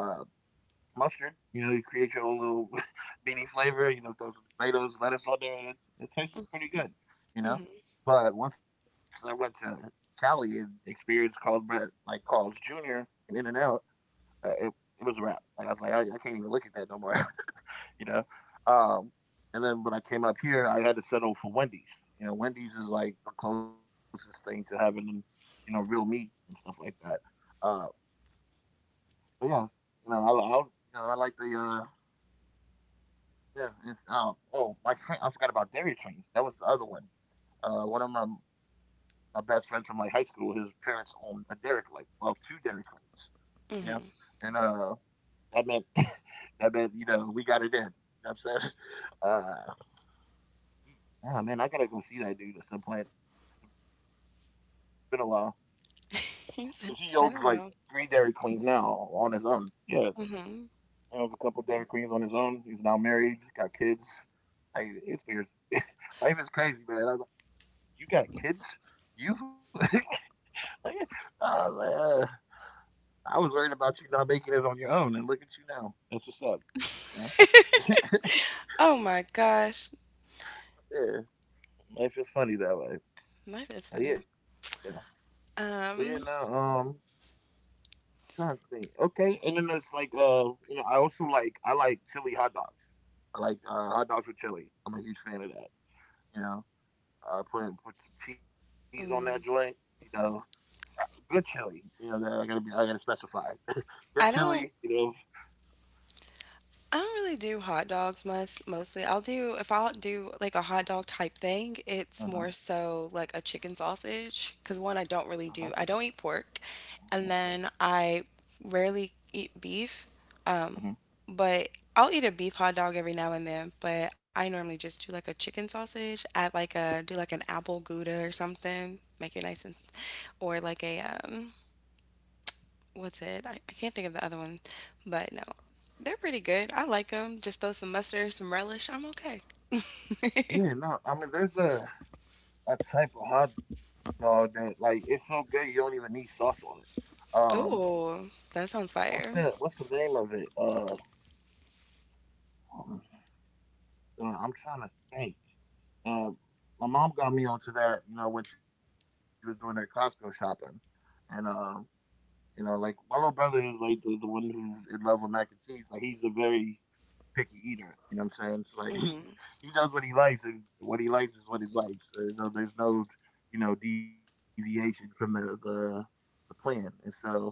Speaker 2: mustard. You know, you create your own little *laughs* beanie flavor. You know, throw some tomatoes, lettuce on there, and it tastes pretty good. You know,
Speaker 1: Hmm.
Speaker 2: but once I went to Cali and experienced Carl's Bread, like Carl's Jr. and In and Out, uh, it it was a wrap. Like I was like, I can't even look at that no more. *laughs* You know. Um, and then when I came up here, I had to settle for Wendy's. You know, Wendy's is like the closest thing to having, you know, real meat and stuff like that. Uh, but yeah, you know, I like the yeah. It's, oh, my friend, I forgot about Dairy Queens. That was the other one. One of my my best friends from my high school, his parents owned a dairy, like well, two Dairy Queens. You know,
Speaker 1: Hmm.
Speaker 2: and that meant *laughs* that meant you know we got it in. You know what I'm saying? *laughs* Uh, oh man, I gotta go see that dude at some point. It's been a while.
Speaker 1: *laughs* He said
Speaker 2: 'Cause
Speaker 1: it's
Speaker 2: he
Speaker 1: been a
Speaker 2: owns like
Speaker 1: while.
Speaker 2: three Dairy Queens now on his own. Yeah,
Speaker 1: Hmm.
Speaker 2: he owns a couple Dairy Queens on his own. He's now married, got kids. Like, it's weird. *laughs* Life is crazy, man. I was like, "You got kids? You?" *laughs* I was like, "I was worried about you not making it on your own, and look at you now. That's what's up." You know? *laughs*
Speaker 1: Oh my gosh,
Speaker 2: Yeah, life is funny that way.
Speaker 1: life is
Speaker 2: But yeah,
Speaker 1: funny.
Speaker 2: but yeah, no,
Speaker 1: Um,
Speaker 2: trying to think. Okay, and then there's like you know, I also like I like chili hot dogs. I like hot dogs with chili. I'm a huge fan of that. You know, put some cheese on that joint. You know, uh, good chili. You know, that I gotta specify *laughs* good
Speaker 1: I
Speaker 2: chili. You
Speaker 1: don't.
Speaker 2: know.
Speaker 1: I don't really do hot dogs mostly. I'll do, if I'll do like a hot dog type thing, it's
Speaker 2: Uh-huh,
Speaker 1: more so like a chicken sausage, because one I
Speaker 2: uh-huh,
Speaker 1: don't really do. I don't eat pork,
Speaker 2: uh-huh,
Speaker 1: and then I rarely eat beef. Um,
Speaker 2: uh-huh.
Speaker 1: but I'll eat a beef hot dog every now and then. But I normally just do like a chicken sausage, add like a do like an apple gouda or something, make it nice. And or like a what's it? I can't think of the other one, but no, they're pretty good. I like them. Just throw some mustard, some relish. I'm okay. *laughs*
Speaker 2: Yeah, no, I mean there's a type of hot dog that like it's so good you don't even need sauce on it. Um,
Speaker 1: Oh, that sounds fire.
Speaker 2: what's the name of it? Um, I'm trying to think. Uh, my mom got me onto that, you know, when she was doing her Costco shopping, and you know, like my little brother is like the one who's in love with mac and cheese. Like he's a very picky eater. You know what I'm saying? So like *laughs*
Speaker 1: Hmm.
Speaker 2: he does what he likes, and what he likes is what he likes. So, you there's no, you know, deviation from the plan. And so,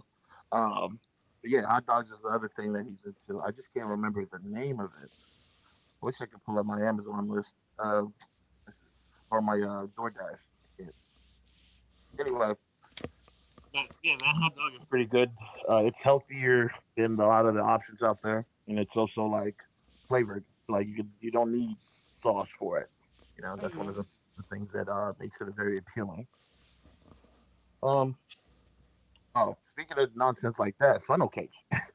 Speaker 2: um, but yeah, hot dogs is the other thing that he's into. I just can't remember the name of it. I wish I could pull up my Amazon list uh, or my DoorDash. I can't. Anyway, but yeah, that hot dog is pretty good. It's healthier than a lot of the options out there, and it's also like flavored. So, like you could, you don't need sauce for it. You know, that's one of
Speaker 1: Hmm.
Speaker 2: the things that makes it very appealing. Um. Oh, speaking of nonsense like that,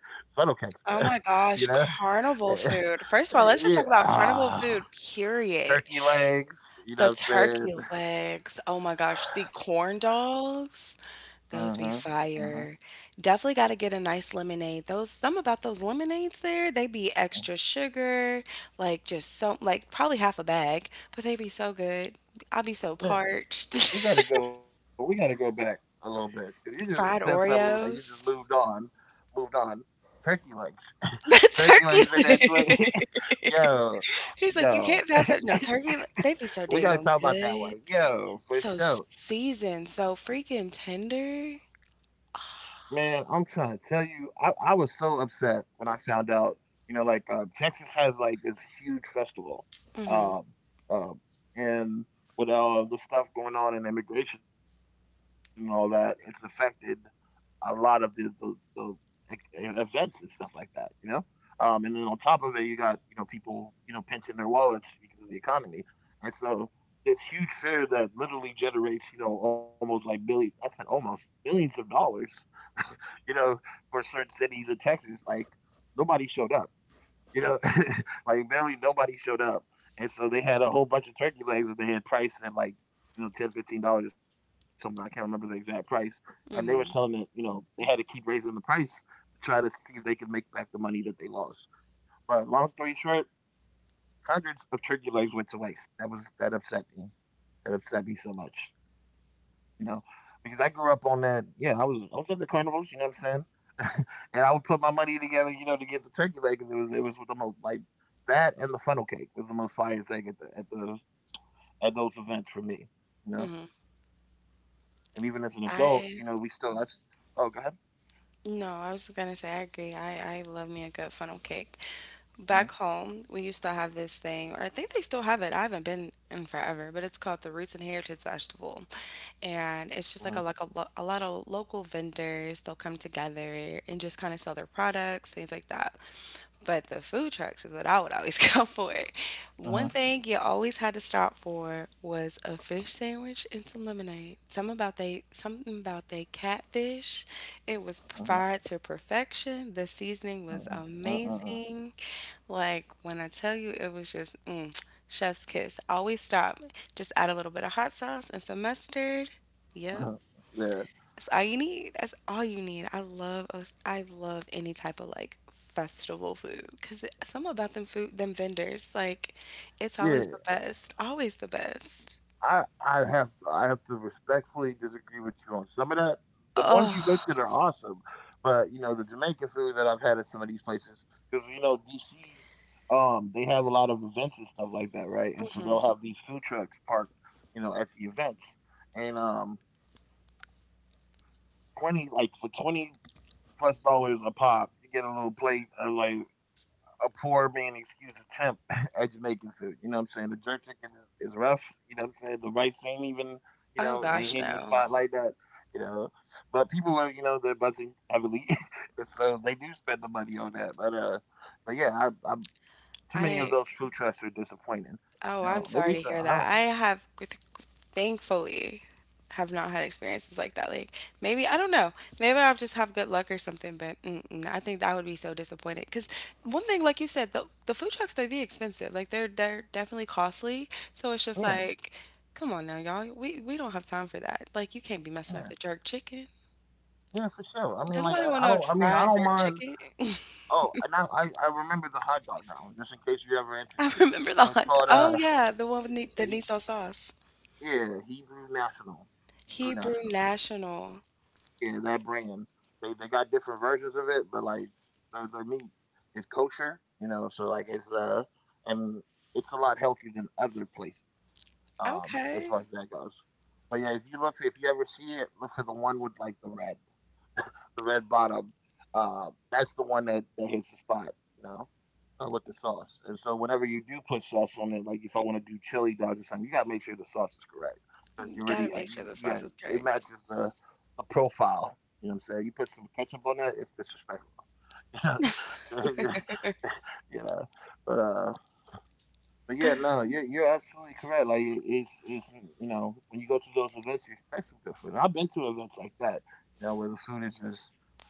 Speaker 2: funnel cakes, man.
Speaker 1: Oh my
Speaker 2: *laughs* you know,
Speaker 1: gosh,
Speaker 2: *laughs*
Speaker 1: carnival food. First of all,
Speaker 2: yeah,
Speaker 1: let's just talk about carnival food, period.
Speaker 2: turkey legs. You know
Speaker 1: The
Speaker 2: what I'm saying?
Speaker 1: turkey
Speaker 2: *laughs*
Speaker 1: legs, oh my gosh, the corn dogs,
Speaker 2: Mhm.
Speaker 1: those be
Speaker 2: Mhm.
Speaker 1: fire. Definitely gotta get a nice lemonade. Those some about those lemonades there, they be
Speaker 2: Mm.
Speaker 1: extra sugar, like just so like probably half a bag, but they be so good. I'll be so
Speaker 2: Yeah,
Speaker 1: parched.
Speaker 2: w we gotta go back a little bit. 'Cause you just said
Speaker 1: *laughs* Fried
Speaker 2: something and you just moved
Speaker 1: Oreos. *laughs*
Speaker 2: on, moved on. Turkey legs, turkey
Speaker 1: The
Speaker 2: legs in that
Speaker 1: turkey
Speaker 2: joint. *laughs*
Speaker 1: leg.
Speaker 2: yo,
Speaker 1: *laughs* He's like, you
Speaker 2: yo,
Speaker 1: can't pass up no turkey. They be
Speaker 2: *laughs*
Speaker 1: so
Speaker 2: we
Speaker 1: dang
Speaker 2: gotta talk
Speaker 1: on
Speaker 2: about that
Speaker 1: good.
Speaker 2: one. Yo, for
Speaker 1: So
Speaker 2: sure.
Speaker 1: seasoned, so freaking tender.
Speaker 2: Man, I'm trying to tell you, I was so upset when I found out. You know, like Texas has like this huge festival, um,
Speaker 1: Hmm.
Speaker 2: um, and with all the stuff going on in immigration and all that, it's affected a lot of the like, events and stuff like that. You know, and then on top of it, you got, you know, people, you know, pinching their wallets because of the economy, and so this huge fair that literally generates, you know, almost like billions. I said almost billions of dollars, you know, for certain cities in Texas, like nobody showed up. You know, *laughs* like barely nobody showed up. And so they had a whole bunch of turkey legs that they had priced at like, you know, 10, $15 or something. I can't remember the exact price. And they were
Speaker 1: Hmm.
Speaker 2: selling it, you know, they had to keep raising the price to try to see if they could make back the money that they lost. But long story short, hundreds of turkey legs went to waste. That upset me, that upset me so much, you know, because I grew up on that. Yeah, I was at the carnivals, you know what I'm saying, *laughs* and I would put my money together, you know, to get the turkey leg because it was the most like that, and the funnel cake was the most fire thing at the at those events for me, you know. And even as an adult,
Speaker 1: I
Speaker 2: you know, we still. Oh, go ahead.
Speaker 1: no, I was gonna say I agree. I love me a good funnel cake. Back
Speaker 2: Uh
Speaker 1: home, we used to have this thing, or I think they still have it. I haven't been in forever, but it's called the Roots and Heritage Festival, and
Speaker 2: Uh
Speaker 1: it's just like a lot of local vendors. They'll come together and just kind of sell their products, things like that. But the food trucks is what I would always *laughs* go for. One
Speaker 2: Uh huh.
Speaker 1: thing you always had to stop for was a fish sandwich and some lemonade. Something about they catfish. It
Speaker 2: huh.
Speaker 1: was
Speaker 2: huh.
Speaker 1: fried to perfection. The
Speaker 2: Uh
Speaker 1: seasoning
Speaker 2: huh.
Speaker 1: was
Speaker 2: Uh huh. Uh huh. Uh huh.
Speaker 1: amazing. Like when I tell you, it was just chef's kiss. Always stop. Just add a little bit of hot sauce and some mustard. Yep.
Speaker 2: *laughs*
Speaker 1: That's all you need. That's all you need. I love any type of like festival food, because some about them food, them vendors, like, it's
Speaker 2: yeah, yeah.
Speaker 1: always the best. Always the best.
Speaker 2: I have to respectfully disagree with you on some of that. The ones you
Speaker 1: Oh,
Speaker 2: listed are awesome, but you know the Jamaican food that I've had at some of these places because, you know, DC, they have a lot of events and stuff like that, right? And so
Speaker 1: mhm.
Speaker 2: they'll have these food trucks parked, you know, at the events, and twenty like for $20+ a pop, you get a little plate of like a poor man excuse attempt *laughs* at Jamaican food. You know what I'm saying? The jerk chicken is rough. You know what I'm saying? The rice ain't even, you
Speaker 1: Oh
Speaker 2: know, ain't
Speaker 1: gosh,
Speaker 2: hitting the
Speaker 1: no.
Speaker 2: spot like that. You know, but people are, you know, they're buzzing heavily, *laughs* and so they do spend the money on that. But but yeah, I, too many of
Speaker 1: I
Speaker 2: those food trucks are disappointing.
Speaker 1: Oh,
Speaker 2: You
Speaker 1: I'm
Speaker 2: know, maybe
Speaker 1: sorry to
Speaker 2: it's a,
Speaker 1: hear
Speaker 2: I
Speaker 1: that.
Speaker 2: don't,
Speaker 1: I have, with, thankfully, have not had experiences like that. Like, maybe I don't know. Maybe I'll just have good luck or something. But mm-mm, I think that would be so disappointed. Because one thing, like you said, the food trucks, they be expensive. Like, they're definitely costly. So it's just
Speaker 2: yeah,
Speaker 1: like, come on now, y'all. We don't have time for that. Like, you can't be messing up
Speaker 2: yeah,
Speaker 1: the jerk chicken.
Speaker 2: yeah, for sure. I mean,
Speaker 1: Don't
Speaker 2: like
Speaker 1: nobody want
Speaker 2: I
Speaker 1: no
Speaker 2: don't, I mean, I
Speaker 1: dry
Speaker 2: don't
Speaker 1: jerk
Speaker 2: mind.
Speaker 1: chicken.
Speaker 2: Oh, and I remember the hot dog now, just in case you're ever
Speaker 1: *laughs* I
Speaker 2: interested.
Speaker 1: remember the
Speaker 2: It's
Speaker 1: hot dog.
Speaker 2: called
Speaker 1: Oh yeah, the one with that
Speaker 2: he
Speaker 1: needs no sauce.
Speaker 2: yeah, Hebrew National. Hebrew
Speaker 1: Hebrew
Speaker 2: National.
Speaker 1: National.
Speaker 2: Yeah, that brand. They got different versions of it, but like the meat is kosher, you know, so like and it's a lot healthier than other places, as
Speaker 1: Okay.
Speaker 2: far as that goes. But yeah, if you look, if you ever see it, look for the one with like the red, the red bottom. That's the one that, that hits the spot, you know, with the sauce. And so whenever you do put sauce on it, like if I want to do chili dogs or something, you gotta make sure the sauce is correct, because
Speaker 1: You
Speaker 2: you already
Speaker 1: gotta make
Speaker 2: you
Speaker 1: sure the
Speaker 2: you got
Speaker 1: sauce is
Speaker 2: it,
Speaker 1: correct.
Speaker 2: matches the profile. You know what I'm saying? You put some ketchup on that, it's disrespectful.
Speaker 1: *laughs*
Speaker 2: *laughs* you know, but but yeah, no, you're absolutely correct. Like it's, you know, when you go to those events, you expect some good food. And I've been to events like that, you know, where the food is just,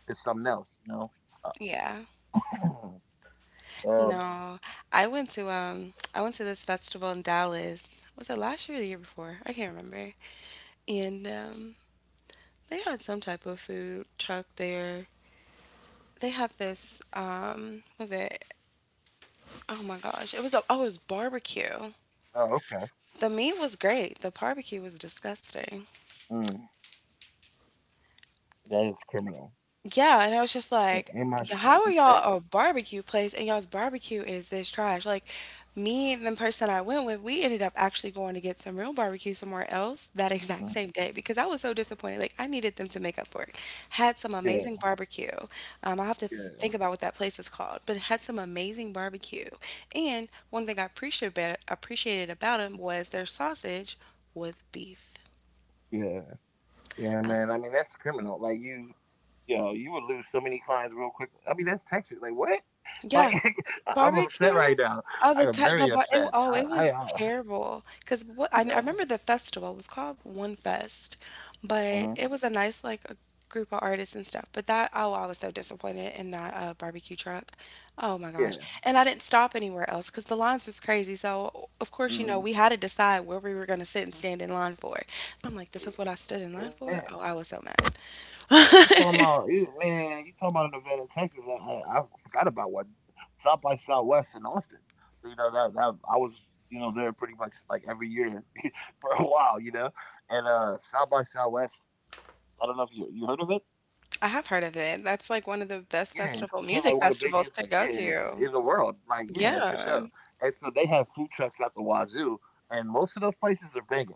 Speaker 2: it's something else, you know.
Speaker 1: Yeah.
Speaker 2: Uh, *clears throat* um.
Speaker 1: No, I went to this festival in Dallas. Was it last year or the year before? I can't remember. And they had some type of food truck there. They had this, was it, oh my gosh, it was oh, it was barbecue.
Speaker 2: Oh, okay.
Speaker 1: The meat was great. The barbecue was disgusting.
Speaker 2: Mm, that is criminal.
Speaker 1: Yeah, and I was just like,
Speaker 2: Am I
Speaker 1: "How are
Speaker 2: insane?
Speaker 1: y'all a barbecue place and y'all's barbecue is this trash? Like, me and the person I went with, we ended up actually going to get some real barbecue somewhere else that *laughs* exact
Speaker 2: Mm,
Speaker 1: same day because I was so disappointed. Like, I needed them to make up for it." Had some amazing
Speaker 2: yeah,
Speaker 1: barbecue. I'll have to
Speaker 2: yeah,
Speaker 1: think about what that place is called, but it had some amazing barbecue. And one thing I appreciated about them was their sausage was beef.
Speaker 2: yeah, yeah, man. I mean, that's criminal. Like you know, you would lose so many clients real quick. I mean, that's Texas. Like what? *laughs* Like
Speaker 1: Yeah,
Speaker 2: *laughs* I- I'm upset
Speaker 1: barbecue?
Speaker 2: right now.
Speaker 1: Oh,
Speaker 2: I
Speaker 1: the
Speaker 2: am
Speaker 1: ti the
Speaker 2: very
Speaker 1: bar it,
Speaker 2: upset.
Speaker 1: oh, it
Speaker 2: I, I,
Speaker 1: was
Speaker 2: I
Speaker 1: terrible. 'Cause what I,
Speaker 2: you
Speaker 1: I
Speaker 2: know.
Speaker 1: remember the festival, it was called One Fest,
Speaker 2: Hmm.
Speaker 1: but it was a nice, like, a group of artists and stuff. But that, oh, I was so disappointed in that barbecue truck. Oh my gosh!
Speaker 2: Yeah.
Speaker 1: And I didn't stop anywhere else because the lines was crazy. So of course you know
Speaker 2: Hmm.
Speaker 1: we had to decide where we were gonna sit and stand in line for. I'm like, this is what I
Speaker 2: Yeah,
Speaker 1: stood in line
Speaker 2: man,
Speaker 1: for. Oh, I was so mad.
Speaker 2: you talking about, you man? You talking about an event in Texas? I forgot about what. South by Southwest in Austin. You know that, that I was, you know, there pretty much like every year *laughs* for a while. You know, and South by Southwest, I don't know if you, you heard of it.
Speaker 1: I have heard of it. That's like one of the
Speaker 2: Yeah, it's
Speaker 1: best
Speaker 2: considered like one
Speaker 1: festival
Speaker 2: of the
Speaker 1: music
Speaker 2: biggest,
Speaker 1: festivals to
Speaker 2: yeah,
Speaker 1: go
Speaker 2: in the
Speaker 1: to.
Speaker 2: world. Like yeah, for sure.
Speaker 1: Yeah.
Speaker 2: And so they have food trucks out the wazoo, and most of those places are banging.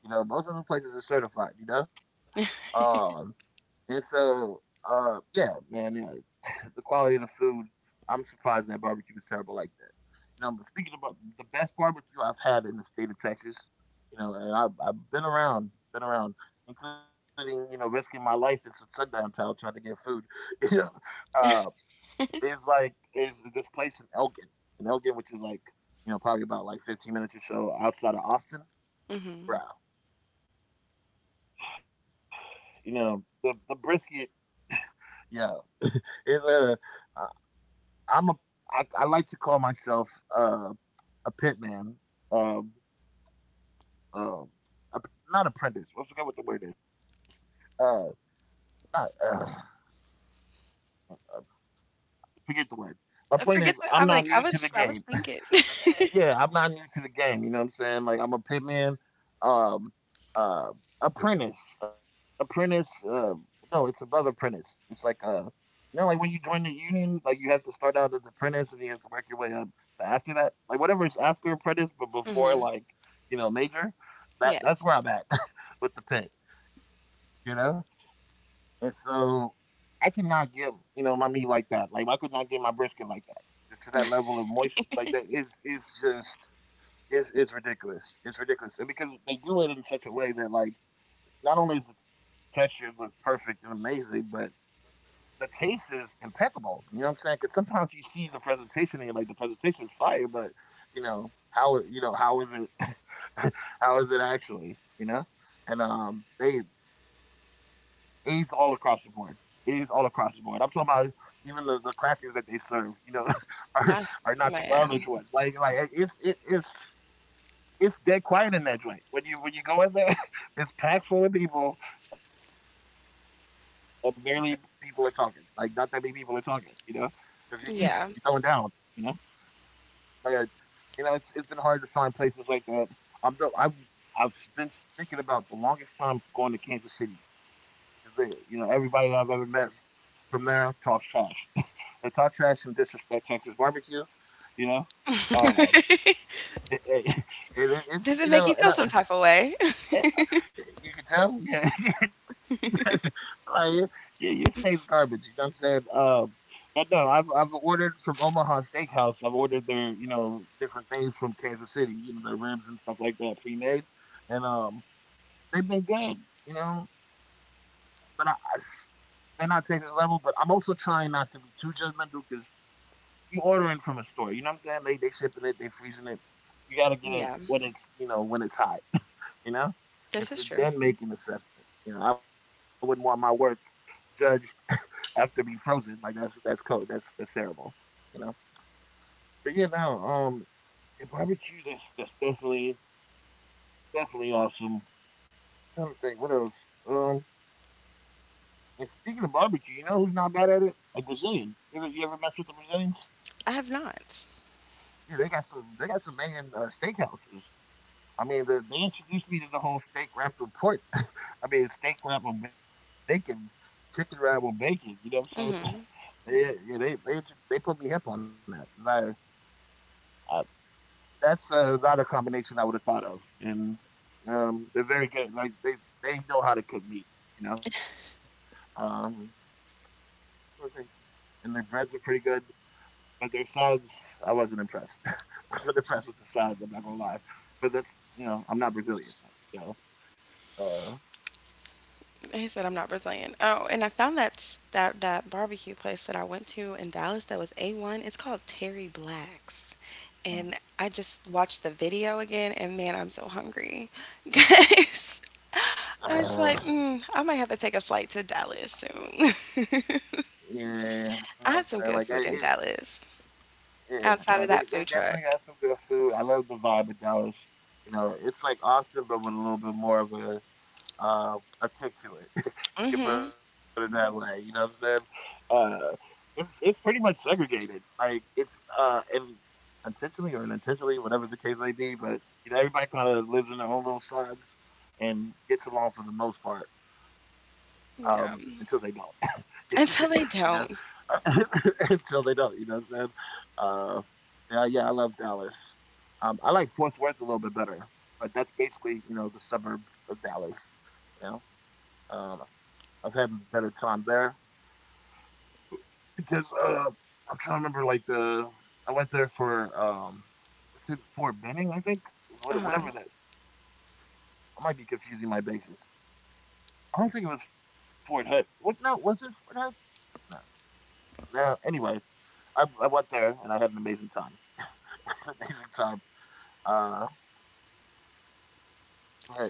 Speaker 2: You know, most of the places are certified, you know? Um, and so, yeah, man, you know, *laughs* the quality of the food, I'm surprised that barbecue is terrible like that. You know, but speaking about the best barbecue I've had in the state of Texas, you know, and I've been around, including, you know, risking my license in Sundown Town trying to get food, *laughs* you know, uh, is like, is this place in Elgin, which is like, you know, probably about like 15 minutes or so outside of Austin.
Speaker 1: Mhm.
Speaker 2: Bruh, you know the brisket. Yeah, is a uh, I'm a I like to call myself uh, a pit man. Um, um, a, not apprentice. I forget what the word is. Uh, not, uh, forget the word. My point
Speaker 1: I
Speaker 2: is,
Speaker 1: forget.
Speaker 2: I'm
Speaker 1: That
Speaker 2: not
Speaker 1: I'm like,
Speaker 2: new
Speaker 1: I
Speaker 2: to the
Speaker 1: was I
Speaker 2: game.
Speaker 1: was thinking. *laughs*
Speaker 2: Yeah, I'm not new to the game. You know what I'm saying? Like I'm a pitman, um, uh, apprentice, apprentice. No, it's above apprentice. It's like, you know, like when you join the union, like you have to start out as apprentice and you have to work your way up. But after that, like whatever is after apprentice, but before
Speaker 1: Mhm.
Speaker 2: like, you know, major, that's
Speaker 1: Yes.
Speaker 2: where I'm at *laughs* with the pit. You know, and so I could not get, you know, my meat like that. Like I could not get my brisket like that. To that level of moisture, like that is, it's ridiculous. It's ridiculous, and because they do it in such a way that like not only is the texture look perfect and amazing, but the taste is impeccable. You know what I'm saying? Because sometimes you see the presentation and you're like, the presentation is fire, but you know, how is it? *laughs* How is it actually? You know, and they, A's all across the board. A's all across the board. I'm talking about even the crackers that they serve. You know, *laughs* are are
Speaker 1: That's
Speaker 2: not the garbage ones.
Speaker 1: man.
Speaker 2: Like it's dead quiet in that joint. When you go in there, *laughs* it's packed full of people, and barely people are talking. Like not that many people are talking. You know, if you're eating, you're throwing down.
Speaker 1: Yeah.
Speaker 2: You know, but you know it's been hard to find places like that. I'm the I've I've been thinking about the longest time going to Kansas City. 'Cause they, you know, everybody I've ever met from there talks trash. *laughs* They talk trash and disrespect Texas barbecue. You know, um, *laughs* it, it, it,
Speaker 1: Does it
Speaker 2: it's
Speaker 1: make you
Speaker 2: you
Speaker 1: feel
Speaker 2: know,
Speaker 1: some
Speaker 2: and I,
Speaker 1: type of way? *laughs*
Speaker 2: yeah, you can tell, yeah, *laughs* that's like, your your steak's garbage, you know what I'm saying? But no, I've ordered from Omaha Steakhouse. I've ordered their, you know, different things from Kansas City, you know, their ribs and stuff like that, pre-made, and they've been good, you know. But they're not Texas level. But I'm also trying not to be too judgmental because you ordering from a store, you know what I'm saying? They shipping it, they freezing it. You gotta get it
Speaker 1: Yeah.
Speaker 2: when it's, you know, when it's hot, you know, and
Speaker 1: This is
Speaker 2: so
Speaker 1: true.
Speaker 2: then make an assessment. You know, I wouldn't want my work judged after being frozen. Like that's cold. That's terrible. You know, but yeah, no, yeah, barbecue. That's definitely awesome. I'm trying to think, what else? Um, and speaking of barbecue, you know who's not bad at it? A Brazilian. You ever mess with the Brazilians?
Speaker 1: I have not.
Speaker 2: Yeah, they got some banging steakhouses. I mean, they introduced me to the whole steak wrapped with pork. *laughs* I mean, steak wrapped with bacon, chicken wrapped with bacon. You know what I'm saying?
Speaker 1: Mhm.
Speaker 2: *laughs* Yeah, yeah, they put me hip on that. 'Cause I, I, that's uh, not a combination I would have thought of, and they're very good. Like they know how to cook meat. You know, um, what was it? And their breads are pretty good, but their sides I wasn't impressed. *laughs* I wasn't impressed with the sides. I'm not gonna lie, but that's you know I'm not Brazilian though, so.
Speaker 1: He said I'm not Brazilian. Oh, and I found that barbecue place that I went to in Dallas, that was A1. It's called Terry Black's. And I
Speaker 2: Uh,
Speaker 1: just watched the video again and, man, I'm so hungry. *laughs* Guys, I was like, I might
Speaker 2: Uh,
Speaker 1: have to take a flight to Dallas soon. *laughs*
Speaker 2: yeah, you know
Speaker 1: I
Speaker 2: what
Speaker 1: had
Speaker 2: I'm
Speaker 1: some good
Speaker 2: saying?
Speaker 1: food
Speaker 2: Like,
Speaker 1: in
Speaker 2: it-
Speaker 1: Dallas outside of
Speaker 2: yeah,
Speaker 1: that
Speaker 2: no,
Speaker 1: food
Speaker 2: they
Speaker 1: truck.
Speaker 2: definitely got some good food. I love the vibe of Dallas. You know, it's like Austin, but with a little bit more of um, a kick to it. *laughs*
Speaker 1: Hmm.
Speaker 2: You can put it that way. You know what I'm saying? It's pretty much segregated. Like it's and intentionally or unintentionally, whatever the case may be. But you know, everybody kind of lives in their own little sides and gets along for the most part
Speaker 1: Yeah.
Speaker 2: until they don't. *laughs*
Speaker 1: Until they
Speaker 2: you know,
Speaker 1: don't.
Speaker 2: *laughs* until they don't. You know what I'm saying? Uh, yeah, yeah, I love Dallas. I like Fort Worth a little bit better, but that's basically you know the suburbs of Dallas. You know, I've had a better time there because I'm trying to remember like the I went there for what's it Fort Benning? I think what,
Speaker 1: Uh-huh.
Speaker 2: whatever that. I might be confusing my bases. I don't think it was Fort Hood. What? No, was it Fort Hood? No. No. Anyway, I went there and I had an amazing time. *laughs* Amazing time. Uh, but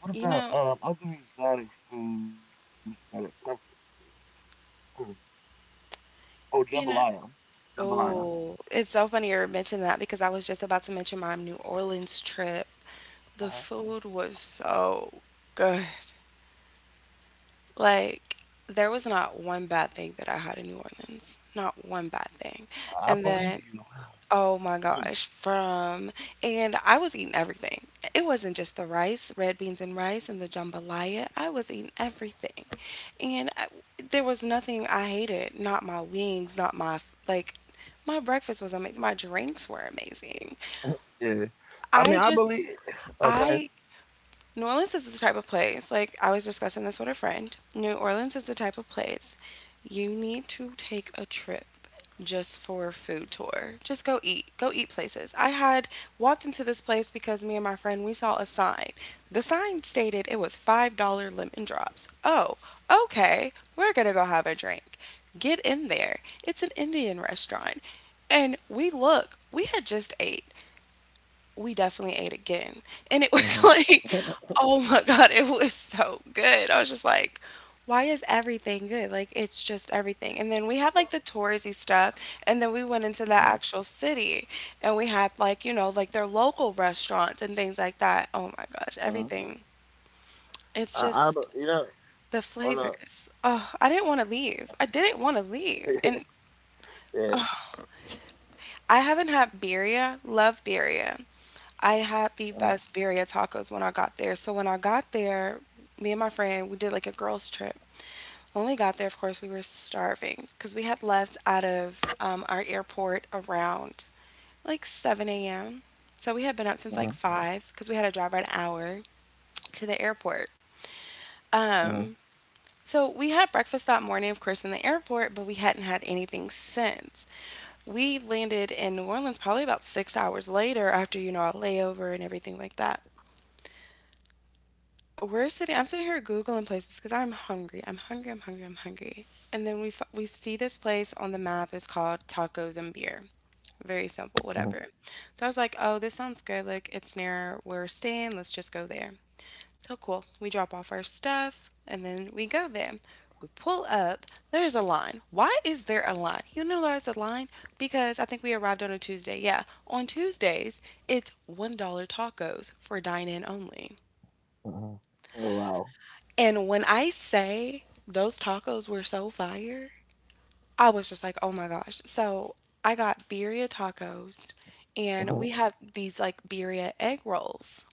Speaker 2: what
Speaker 1: You
Speaker 2: about
Speaker 1: know,
Speaker 2: other exotic foods that are comfort food? Hmm. Oh, jambalaya.
Speaker 1: you know,
Speaker 2: Jambalaya.
Speaker 1: oh, it's so funny you mentioned that, because I was just about to mention my New Orleans trip. The
Speaker 2: Uh-huh.
Speaker 1: food was so good. Like, there was not one bad thing that I had in New Orleans. Not one bad thing.
Speaker 2: I believe
Speaker 1: And
Speaker 2: you.
Speaker 1: then, oh my
Speaker 2: *laughs*
Speaker 1: gosh, from and I was eating everything. It wasn't just red beans and rice and the jambalaya. I was eating everything. And I, there was nothing I hated, not my wings, not my, like, my breakfast was amazing. My drinks were amazing.
Speaker 2: Yeah. I mean,
Speaker 1: I
Speaker 2: I
Speaker 1: just
Speaker 2: believe. Oh, go ahead.
Speaker 1: I New Orleans is the type of place, like, I was discussing this with a friend. New Orleans is the type of place, you need to take a trip just for a food tour. Just go eat. Go eat places. I had walked into this place because me and my friend, we saw a sign. The sign stated it was $5 lemon drops. Oh, okay. We're going to go have a drink. Get in there. It's an Indian restaurant. And we had just ate, we definitely ate again. And it was *laughs*
Speaker 2: Mhm.
Speaker 1: like, oh my God, it was so good. I was just like, why is everything good? Like, it's just everything. And then we had like the touristy stuff. And then we went
Speaker 2: Mhm.
Speaker 1: into the actual city, and we had like their local restaurants and things like that. Oh my gosh,
Speaker 2: Mhm. *laughs*
Speaker 1: everything. It's
Speaker 2: I, I,
Speaker 1: just
Speaker 2: be- you know,
Speaker 1: the
Speaker 2: on a.
Speaker 1: flavors. Oh, I didn't want to leave. I didn't want to
Speaker 2: *laughs*
Speaker 1: leave. And
Speaker 2: Yeah.
Speaker 1: I haven't had birria. Love birria. I had
Speaker 2: Mhm.
Speaker 1: the best birria tacos when I got there. So when I got there, me and my friend, we did like a girls trip. When we got there, of course, we were starving because we had left out of our airport around like 7 a.m. So we had been up
Speaker 2: Mhm.
Speaker 1: since like 5 because we had to drive an hour to the airport.
Speaker 2: Mhm.
Speaker 1: Um, so we had breakfast that morning, of course, in the airport, but we hadn't had anything since we landed in New Orleans, probably about 6 hours later, after our layover and everything like that. We're sitting I'm sitting here googling places because I'm hungry, I'm hungry, I'm hungry, I'm hungry. And then we see this place on the map. It's called Tacos and Beer. Very simple,
Speaker 2: Mhm.
Speaker 1: whatever. So I was like, oh, this sounds good, like, it's near where we're staying, let's just go there. So, cool, we drop off our stuff and then we go there. We pull up. There's a line. Why is there a line? You know why there's a line? Because I think we arrived on a Tuesday. Yeah, on Tuesdays it's $1 tacos for dine in only.
Speaker 2: Mhm. Wow.
Speaker 1: And when I say those tacos were so fire, I was just like, oh my gosh. So I got birria tacos, and we had
Speaker 2: *laughs*
Speaker 1: these like birria egg rolls.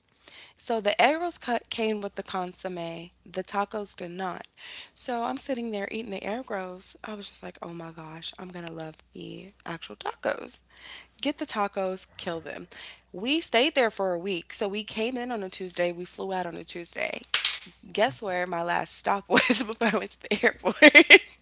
Speaker 1: So the egg rolls cut came with the consomme. The tacos did not. So I'm sitting there eating the egg rolls. I was just like, oh my gosh, I'm gonna love the actual tacos. Get the tacos, kill them. We stayed there for a week. So we came in on a Tuesday, we flew out on a Tuesday. Guess where my last stop was *laughs* before I went to the airport? *laughs*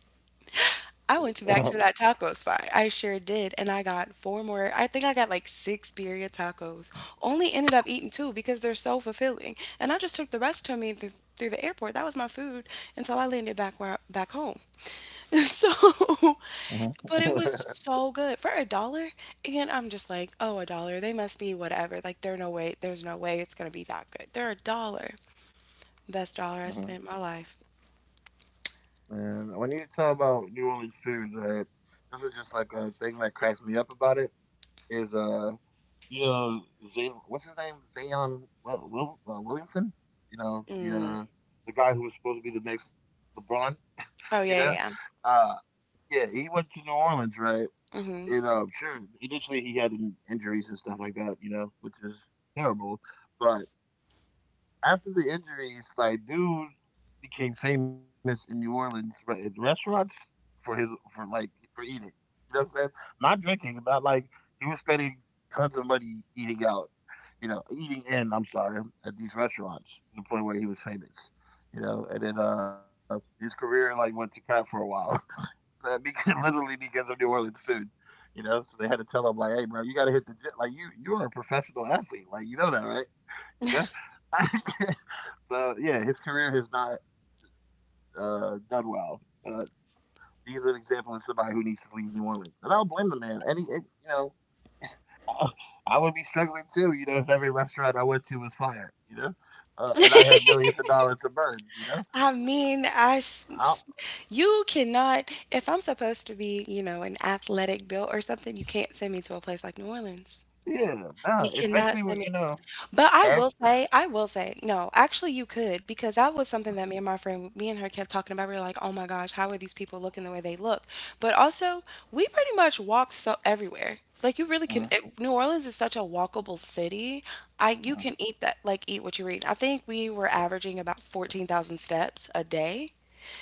Speaker 1: I went to back to that taco spot. I sure did. And I got four more. I think I got like six birria tacos. Only ended up eating two because they're so fulfilling. And I just took the rest to me through the airport. That was my food until I landed back where, back home. *laughs* So,
Speaker 2: Mhm. *laughs*
Speaker 1: but
Speaker 2: Mhm.
Speaker 1: it was so good for a dollar. And I'm just like, oh, a dollar. They must be whatever. Like, there's no way. There's no way it's gonna be that good. They're a dollar. Best dollar I
Speaker 2: Mhm.
Speaker 1: spent my life.
Speaker 2: Man, when you talk about New Orleans foods, right? This is just like a thing that cracks me up about it. Is you know, Zay, what's his name? Zion? Williamson. You know,
Speaker 1: Mm.
Speaker 2: the guy who was supposed to be the next LeBron.
Speaker 1: Oh
Speaker 2: You know?
Speaker 1: yeah, yeah.
Speaker 2: Uh, yeah, he went to New Orleans, right?
Speaker 1: Yeah. Hmm.
Speaker 2: And sure, initially he had injuries and stuff like that, you know, which is terrible. But after the injuries, like, dude became famous in New Orleans right, in restaurants for his for like for eating. You know what I'm saying? Not drinking, not like he was spending tons of money eating out. You know, eating in. I'm sorry, at these restaurants to the point where he was famous. You know, and then his career like went to crap for a while because, *laughs* literally because of New Orleans food. You know, so they had to tell him like, "Hey, bro, you got to hit the gym. Like, you are a professional athlete. Like, you know that, right? You know." *laughs* So yeah, his career has not done well. Uh, he's an example of somebody who needs to leave New Orleans, and I don't blame the man. Any, it, you know, *laughs* I I would be struggling too. You know, if every restaurant I went to was fired, you know, and I had millions of dollars to burn, you know,
Speaker 1: I mean,
Speaker 2: I,
Speaker 1: I s- s- you cannot if I'm supposed to be, an athletic built or something, you can't send me to a place like New Orleans.
Speaker 2: yeah,
Speaker 1: You
Speaker 2: no,
Speaker 1: cannot
Speaker 2: especially when
Speaker 1: send
Speaker 2: you
Speaker 1: me
Speaker 2: know,
Speaker 1: but
Speaker 2: ev-
Speaker 1: I will say, no, actually you could because that was something that me and my friend me and her kept talking about. We were like, "Oh my gosh, how are these people looking the way they look?" But also, we pretty much walked so everywhere. Like you really can
Speaker 2: Mhm,
Speaker 1: it, New Orleans is such a walkable city. I you
Speaker 2: mhm,
Speaker 1: can eat that like eat what you eat. I think we were averaging about 14,000 steps a day.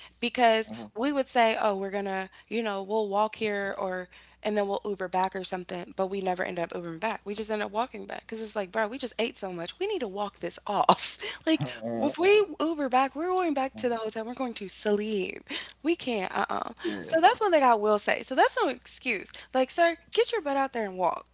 Speaker 2: mhm.
Speaker 1: Because we would say, oh, we're gonna, we'll walk here, or and then we'll Uber back or something, but we never end up Ubering back. We just end up walking back because it's like, bro, we just ate so much. We need to walk this off. *laughs* Like, if
Speaker 2: *laughs*
Speaker 1: we Uber back, we're going back
Speaker 2: Uh,
Speaker 1: to the hotel. We're going to sleep. We can't,
Speaker 2: yeah,
Speaker 1: uh-uh. So that's one thing I will say. So that's no excuse. Like, sir, get your butt out there and walk.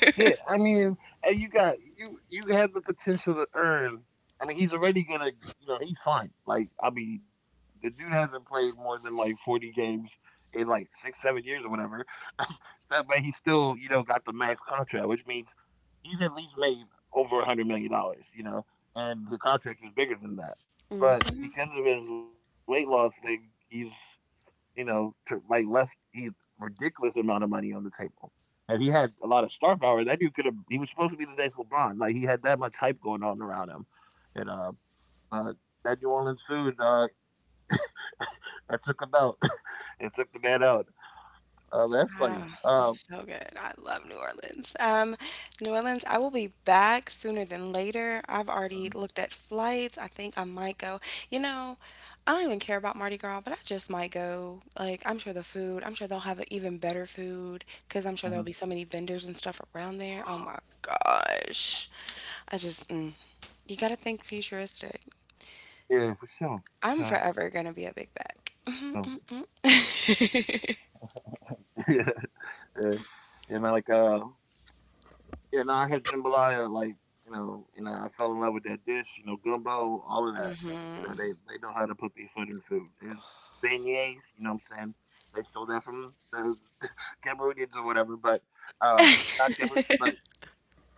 Speaker 2: yeah. I mean, and you got you have the potential to earn. I mean, he's already gonna, you know, he's fine. Like, I mean, the dude hasn't played more than like 40 games in like six, 7 years or whatever. *laughs* That- but he still, you know, got the max contract, which means he's at least made over $100 million. You know, and the contract is bigger than that. But
Speaker 1: *laughs*
Speaker 2: because of his weight loss thing, he's you know, to, like left he ridiculous amount of money on the table. And he had a lot of star power, that dude could have. He was supposed to be the next LeBron. Like he had that much hype going on around him, and uh that New Orleans food *coughs* *laughs* that took him out. *coughs* *laughs* It took the man out. That's funny.
Speaker 1: Oh, so good. I love New Orleans. New Orleans, I will be back sooner than later. I've already
Speaker 2: Um,
Speaker 1: looked at flights. I think I might go. You know, I don't even care about Mardi Gras, but I just might go. Like, I'm sure the food, I'm sure they'll have even better food because I'm sure
Speaker 2: mhm.
Speaker 1: there'll be so many vendors and stuff around there. Oh my gosh. I just, you gotta think futuristic.
Speaker 2: Yeah, for sure,
Speaker 1: I'm
Speaker 2: for
Speaker 1: forever gonna be a big back.
Speaker 2: sure. *laughs* Yeah, yeah, yeah, man. Like, yeah, no, I had jambalaya, like you know, and I fell in love with that dish. You know, gumbo, all of that. You know, they know how to put their foot in food. There's beignets. You know what I'm saying? They stole that from the *laughs* Cameroonians or whatever, but um, not Camer, but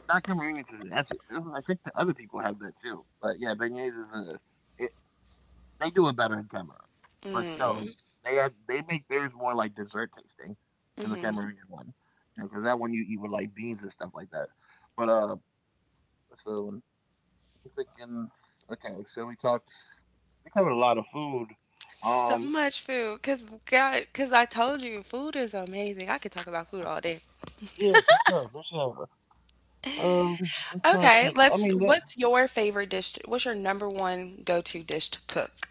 Speaker 2: not Cameroonians. Is- That's I think the other people have that too. But yeah, beignets is a. They do it better in Cameroon, but
Speaker 1: *laughs*
Speaker 2: still, they are they make theirs more like dessert tasting than the Cameroonian one. You know, because that one you eat with like beans and stuff like that. But so I'm thinking. Okay, so we talked. We covered a lot of food.
Speaker 1: So
Speaker 2: Um,
Speaker 1: much food, cause God, cause I told you, food is amazing. I could talk about food all day.
Speaker 2: yeah, for sure, for sure. I'm trying to
Speaker 1: Okay,
Speaker 2: think. I
Speaker 1: let's.
Speaker 2: mean, that,
Speaker 1: What's your favorite dish? What's your number one go-to dish to cook?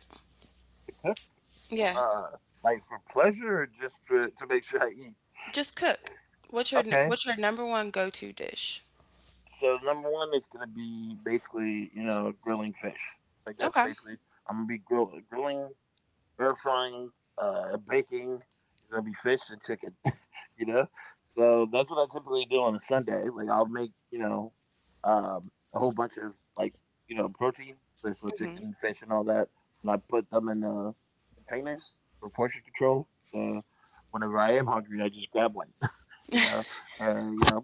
Speaker 1: Yeah,
Speaker 2: uh, like for pleasure or just to make sure I eat.
Speaker 1: just cook.
Speaker 2: Okay.
Speaker 1: What's your number one go-to dish?
Speaker 2: So number one is gonna be basically, you know, grilling fish. Like that's
Speaker 1: Okay.
Speaker 2: basically I'm gonna be grilling, air frying, baking. It's gonna be fish and chicken. *laughs* You know, so that's what I typically do on a Sunday. Like I'll make you know a whole bunch of like you know protein, like, so
Speaker 1: Hmm.
Speaker 2: chicken, fish, and all that, and I put them in containers for portion control. So whenever I am hungry, I just grab one you know, you know,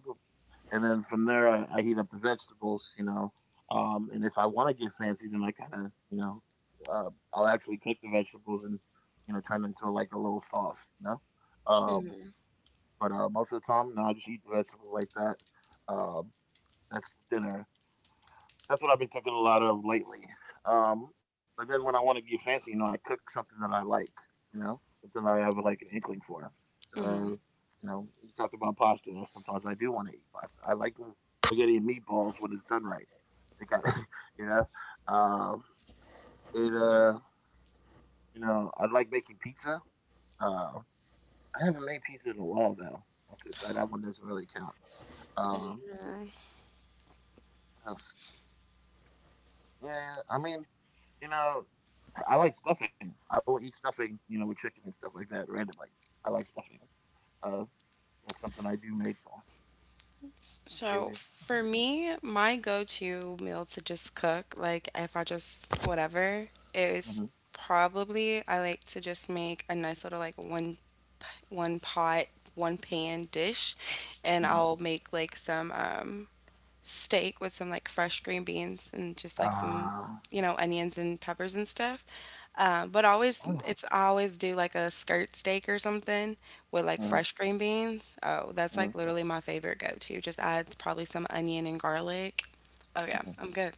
Speaker 2: and then from there I heat up the vegetables, you know, and if I want to get fancy, then I kind of, you know, I'll actually cook the vegetables and you know turn them into like a little sauce, you know. Uh, but most of the time, no, I just eat the vegetables like that. Um, that's the dinner. That's what I've been cooking a lot of lately. Um, but then when I want to get fancy, you know, I cook something that I like, you know, something I have like an inkling for. So, you know, you talked about pasta. And sometimes I do want to eat pasta. I like the spaghetti and meatballs when it's done right. They got, *laughs* you know, um, it, uh, you know, I like making pizza. Uh, I haven't made pizza in a while though. That's it. So that one doesn't really count. Um, what else? Yeah, I mean, you know, I like stuffing. I will eat stuffing, you know, with chicken and stuff like that randomly. I like stuffing. Uh, that's something I do make. Mm-hmm,
Speaker 1: So for me, my go-to meal to just cook, like if I just whatever, is
Speaker 2: mm-hmm,
Speaker 1: probably I like to just make a nice little like one pot, one pan dish, and
Speaker 2: mm-hmm.
Speaker 1: I'll make like some steak with some like fresh green beans and just like some,
Speaker 2: I
Speaker 1: you know, onions and peppers and stuff. But
Speaker 2: don't
Speaker 1: always, it's I always do like a skirt steak or something with like fresh green beans. Oh,
Speaker 2: hmm
Speaker 1: that's
Speaker 2: hmm
Speaker 1: like literally my favorite go-to. Just add probably some onion and garlic. Oh yeah,
Speaker 2: hmm.
Speaker 1: I'm good.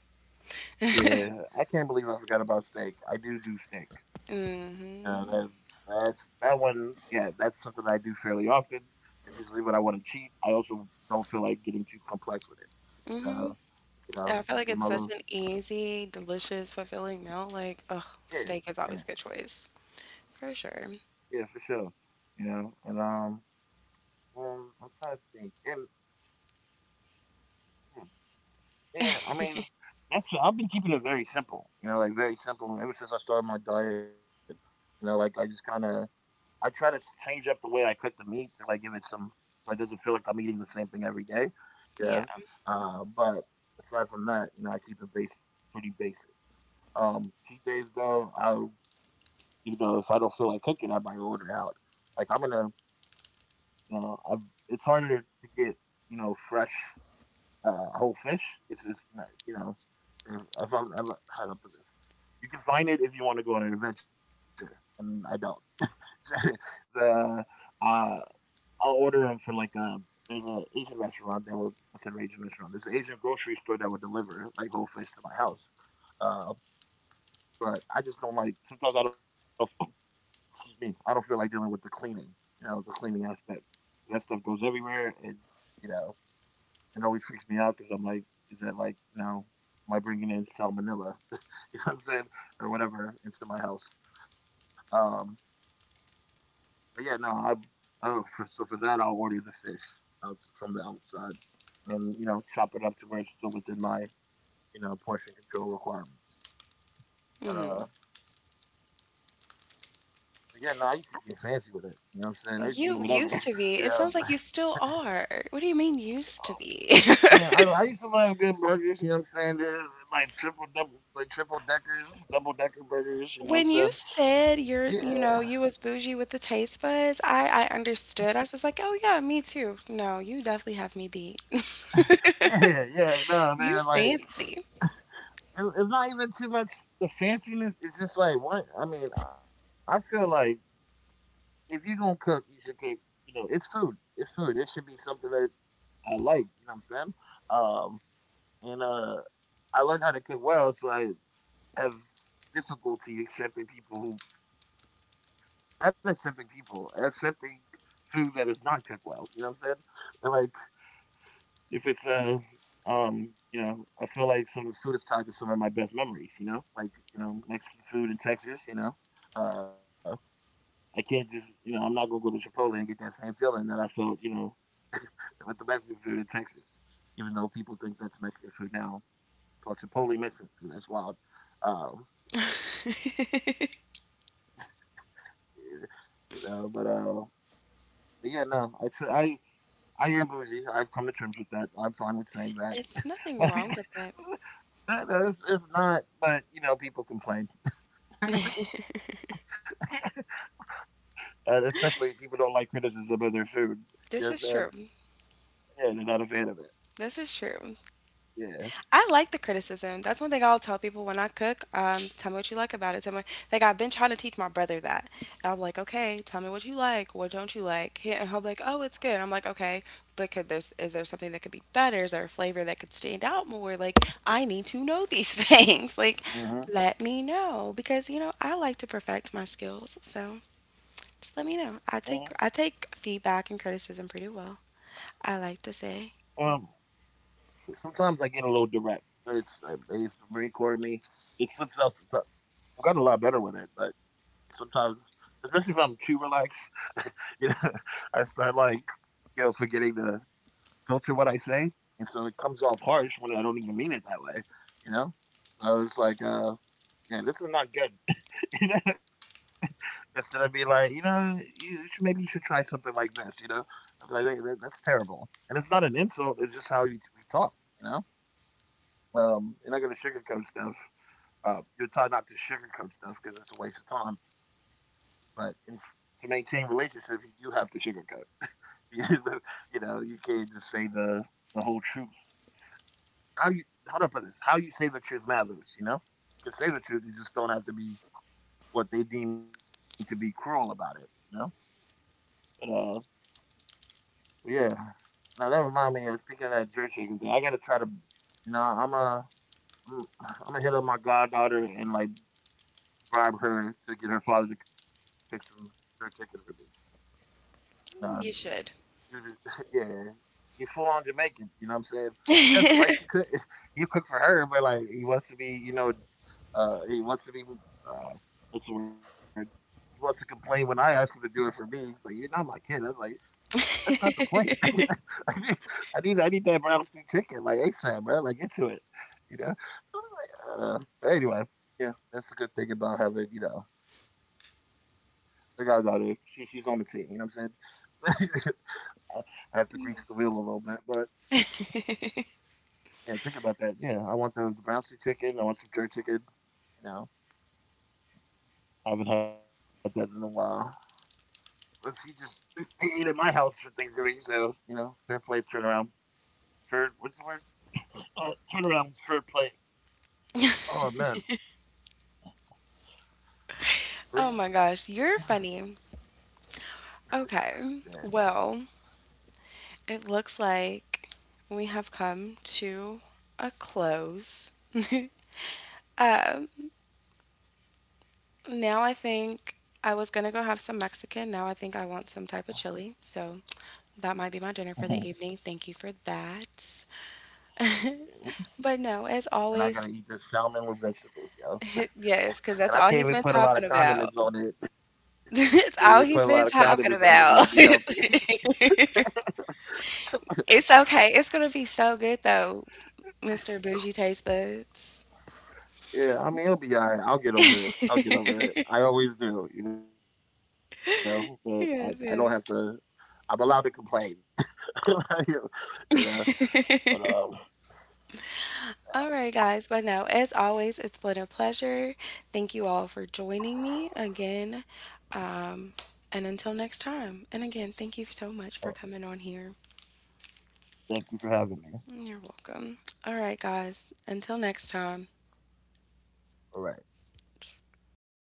Speaker 2: Yeah, I can't believe I forgot about steak. I do do steak. You that, that's that one. Yeah, that's something I do fairly often. It's usually when I want to cheat. I also don't feel like getting too complex with it.
Speaker 1: Mm-hmm.
Speaker 2: So, you know,
Speaker 1: I feel like
Speaker 2: get
Speaker 1: it's
Speaker 2: my
Speaker 1: such
Speaker 2: little
Speaker 1: an easy, delicious, fulfilling meal. Like, oh,
Speaker 2: yeah,
Speaker 1: steak is
Speaker 2: yeah.
Speaker 1: always a good choice.
Speaker 2: Yeah, for
Speaker 1: For
Speaker 2: sure.
Speaker 1: sure.
Speaker 2: You know, and I'm trying to think. And hmm, yeah, I mean, that's I've been keeping it very simple. You know, like very simple. Ever since I started my diet, you know, like I just kind of I try to change up the way I cook the meat to like give it some so it doesn't feel like I'm eating the same thing every day. Yeah.
Speaker 1: Yeah.
Speaker 2: But aside from that, you know, I keep it basic, pretty basic. Cheat days though, I you know if I don't feel like cooking, I might order out. Like I'm gonna you know, I, it's harder to get you know fresh whole fish. It's not you know if I'm, I'm how to put this. You can find it if you want to go on an adventure, and I don't. *laughs* The uh, I'll order them for like a. There's an Asian restaurant that will. I said Asian restaurant. There's an Asian grocery store that will deliver like whole fish to my house. Uh, but I just don't like. Sometimes I don't. *laughs* Excuse me, I don't feel like dealing with the cleaning, you know, the cleaning aspect. That stuff goes everywhere, and you know, it always freaks me out because I'm like, is that like, am I bringing in salmonella, *laughs* you know what I'm saying, or whatever into my house? Um, but yeah, no, so for that I'll order the fish out from the outside, and you know, chop it up to where it's still within my, you know, portion control requirements.
Speaker 1: Mhm.
Speaker 2: But uh, but yeah, no, I used to get fancy with it. You know what I'm saying? I used to eat whatever.
Speaker 1: You
Speaker 2: *laughs*
Speaker 1: used
Speaker 2: You
Speaker 1: to be.
Speaker 2: know,
Speaker 1: It
Speaker 2: *laughs*
Speaker 1: sounds like you still are. What do you mean used to be? *laughs*
Speaker 2: yeah, I used to love good burgers, you know what I'm saying? They're like triple double like triple deckers, double decker burgers, you know what I'm
Speaker 1: When you
Speaker 2: saying? Yeah.
Speaker 1: said you're,
Speaker 2: *laughs*
Speaker 1: you know, you was bougie with the taste buds, I understood. I was just like, "Oh yeah, me too." No, you definitely have me beat. *laughs*
Speaker 2: Yeah, yeah, no,
Speaker 1: You
Speaker 2: man, like
Speaker 1: fancy.
Speaker 2: it's not even too much the fanciness, it's just like what I mean, I feel like if you're gonna cook, you should cook, you know, it's food. It's food. It should be something that I like, you know what I'm saying? Um and I learned how to cook well, so I have difficulty accepting people who not accepting people, accepting food that is not cooked well. You know what I'm saying? And like if it's you know, I feel like some of the food is tied to some of my best memories, you know? Like, you know, Mexican food in Texas, you know. Uh I can't just you know, I'm not gonna go to Chipotle and get that same feeling that I felt, you know, with the Mexican food in Texas. Even though people think that's Mexican food now. Called Chipotle Mexican food, that's wild. Um you know. But yeah, no, I am bougie. I've come to terms with that. I'm fine with saying
Speaker 1: It's
Speaker 2: that.
Speaker 1: nothing wrong with
Speaker 2: *laughs*
Speaker 1: it.
Speaker 2: No, no, it's not. But you know, people complain, *laughs* and especially people don't like criticism of their food.
Speaker 1: This is
Speaker 2: Yes,
Speaker 1: true.
Speaker 2: and yeah, they're not a fan of it.
Speaker 1: This is true. I like
Speaker 2: Yeah.
Speaker 1: the criticism. That's one thing I'll tell people when I cook. Tell me what you like about it. Tell me, like I've been trying to teach my brother that. And I'm like, okay, tell me what you like. What don't you like? He, and he'll be like, oh, it's good. I'm like, okay, but could there's is there something that could be better? Is there a flavor that could stand out more? Like I need to know these *laughs* things. Like let me
Speaker 2: hmm
Speaker 1: know because you know I like to perfect my skills. So just let
Speaker 2: hmm
Speaker 1: me know. I take feedback and criticism pretty well. I like to say
Speaker 2: Um, sometimes I get a little direct. It's Marine Corps me. It slips out sometimes. I've gotten a lot better with it, but sometimes, especially if I'm too relaxed, *laughs* you know, *laughs* I start like, you know, forgetting to filter what I say, and so it comes off harsh when I don't even mean it that way, you know. So it's like, yeah, this is not good. *laughs* You know? Instead of being like, you know, maybe you should try something like this, you know, I'm like that's terrible, and it's not an insult. It's just how we talk, you know." You're not gonna sugarcoat stuff. You're taught not to sugarcoat stuff because it's a waste of time but in, to maintain relationships, you do have to sugarcoat. *laughs* You know, you can't just say the whole truth. How you how to put this? How you say the truth matters. You know, you can say the truth. You just don't have to be what they deem to be cruel about it. You know. But yeah. Now that reminds me of speaking of that jerk chicken thing. I gotta try to, you know, I'm gonna hit up my goddaughter and like bribe her to get her father to cook some jerk chicken for me. Um,
Speaker 1: you should.
Speaker 2: You're just, *laughs* yeah, you full on Jamaican. You know what I'm saying? He doesn't like to cook. *laughs* You cook for her, but like he wants to be, you know, he wants to be, what's the word? He wants to complain when I ask him to do it for me. He's like, "You're not my kid." I was like, "That's not the
Speaker 1: *laughs*
Speaker 2: point. *laughs* I need that brown stew chicken like ASAP, bro. Like get to it, you know." But anyway, yeah, that's the good thing about having, you know, the guys out there. She's on the team. You know what I'm saying? *laughs* I I have to grease the wheel a little bit, but yeah, think about that. Yeah, I want the bouncy chicken. I want some jerk chicken. You know, I haven't had that in a while. Let's see, just they ate at my house for Thanksgiving, so you know, fair play, turnaround. Fair, what's the word? Turnaround, fair play. Oh man, really?
Speaker 1: Oh my gosh, you're funny.
Speaker 2: Yeah.
Speaker 1: Okay, well, it looks like we have come to a close. *laughs* Now I think I was gonna go have some Mexican. Now I think I want some type of chili. So that might be
Speaker 2: *laughs*
Speaker 1: my dinner for the evening. Thank you for that.
Speaker 2: Yeah.
Speaker 1: *laughs* But no,
Speaker 2: And
Speaker 1: as
Speaker 2: I gotta eat this
Speaker 1: always,
Speaker 2: salmon with vegetables, yo.
Speaker 1: *laughs* yes,
Speaker 2: And I
Speaker 1: because that's
Speaker 2: can't
Speaker 1: all
Speaker 2: even
Speaker 1: he's
Speaker 2: put a
Speaker 1: been
Speaker 2: lot of
Speaker 1: talking
Speaker 2: condiments
Speaker 1: about.
Speaker 2: on it. *laughs* Can't
Speaker 1: *laughs*
Speaker 2: even put a
Speaker 1: It's
Speaker 2: lot of
Speaker 1: all he's
Speaker 2: condiments
Speaker 1: been
Speaker 2: on it. 'Cause that'd
Speaker 1: talking
Speaker 2: be healthy.
Speaker 1: about. *laughs* It's okay. It's gonna be so good though. Mr. Bougie Taste Buds.
Speaker 2: Yeah, I mean, it'll be all right. I'll get over it. I'll get over it.
Speaker 1: *laughs*
Speaker 2: I always do, you know, but I don't have to, I'm allowed to
Speaker 1: Yes,
Speaker 2: complain, *laughs* you know, but
Speaker 1: yes.
Speaker 2: yeah.
Speaker 1: *laughs* All right, guys. But no, as always, it's been a pleasure. Thank you all for joining me again. Um, and until next time. And again, thank you
Speaker 2: Oh,
Speaker 1: so much for coming on here.
Speaker 2: thank you for having me.
Speaker 1: You're welcome. All right, guys. Until next time.
Speaker 2: All right. All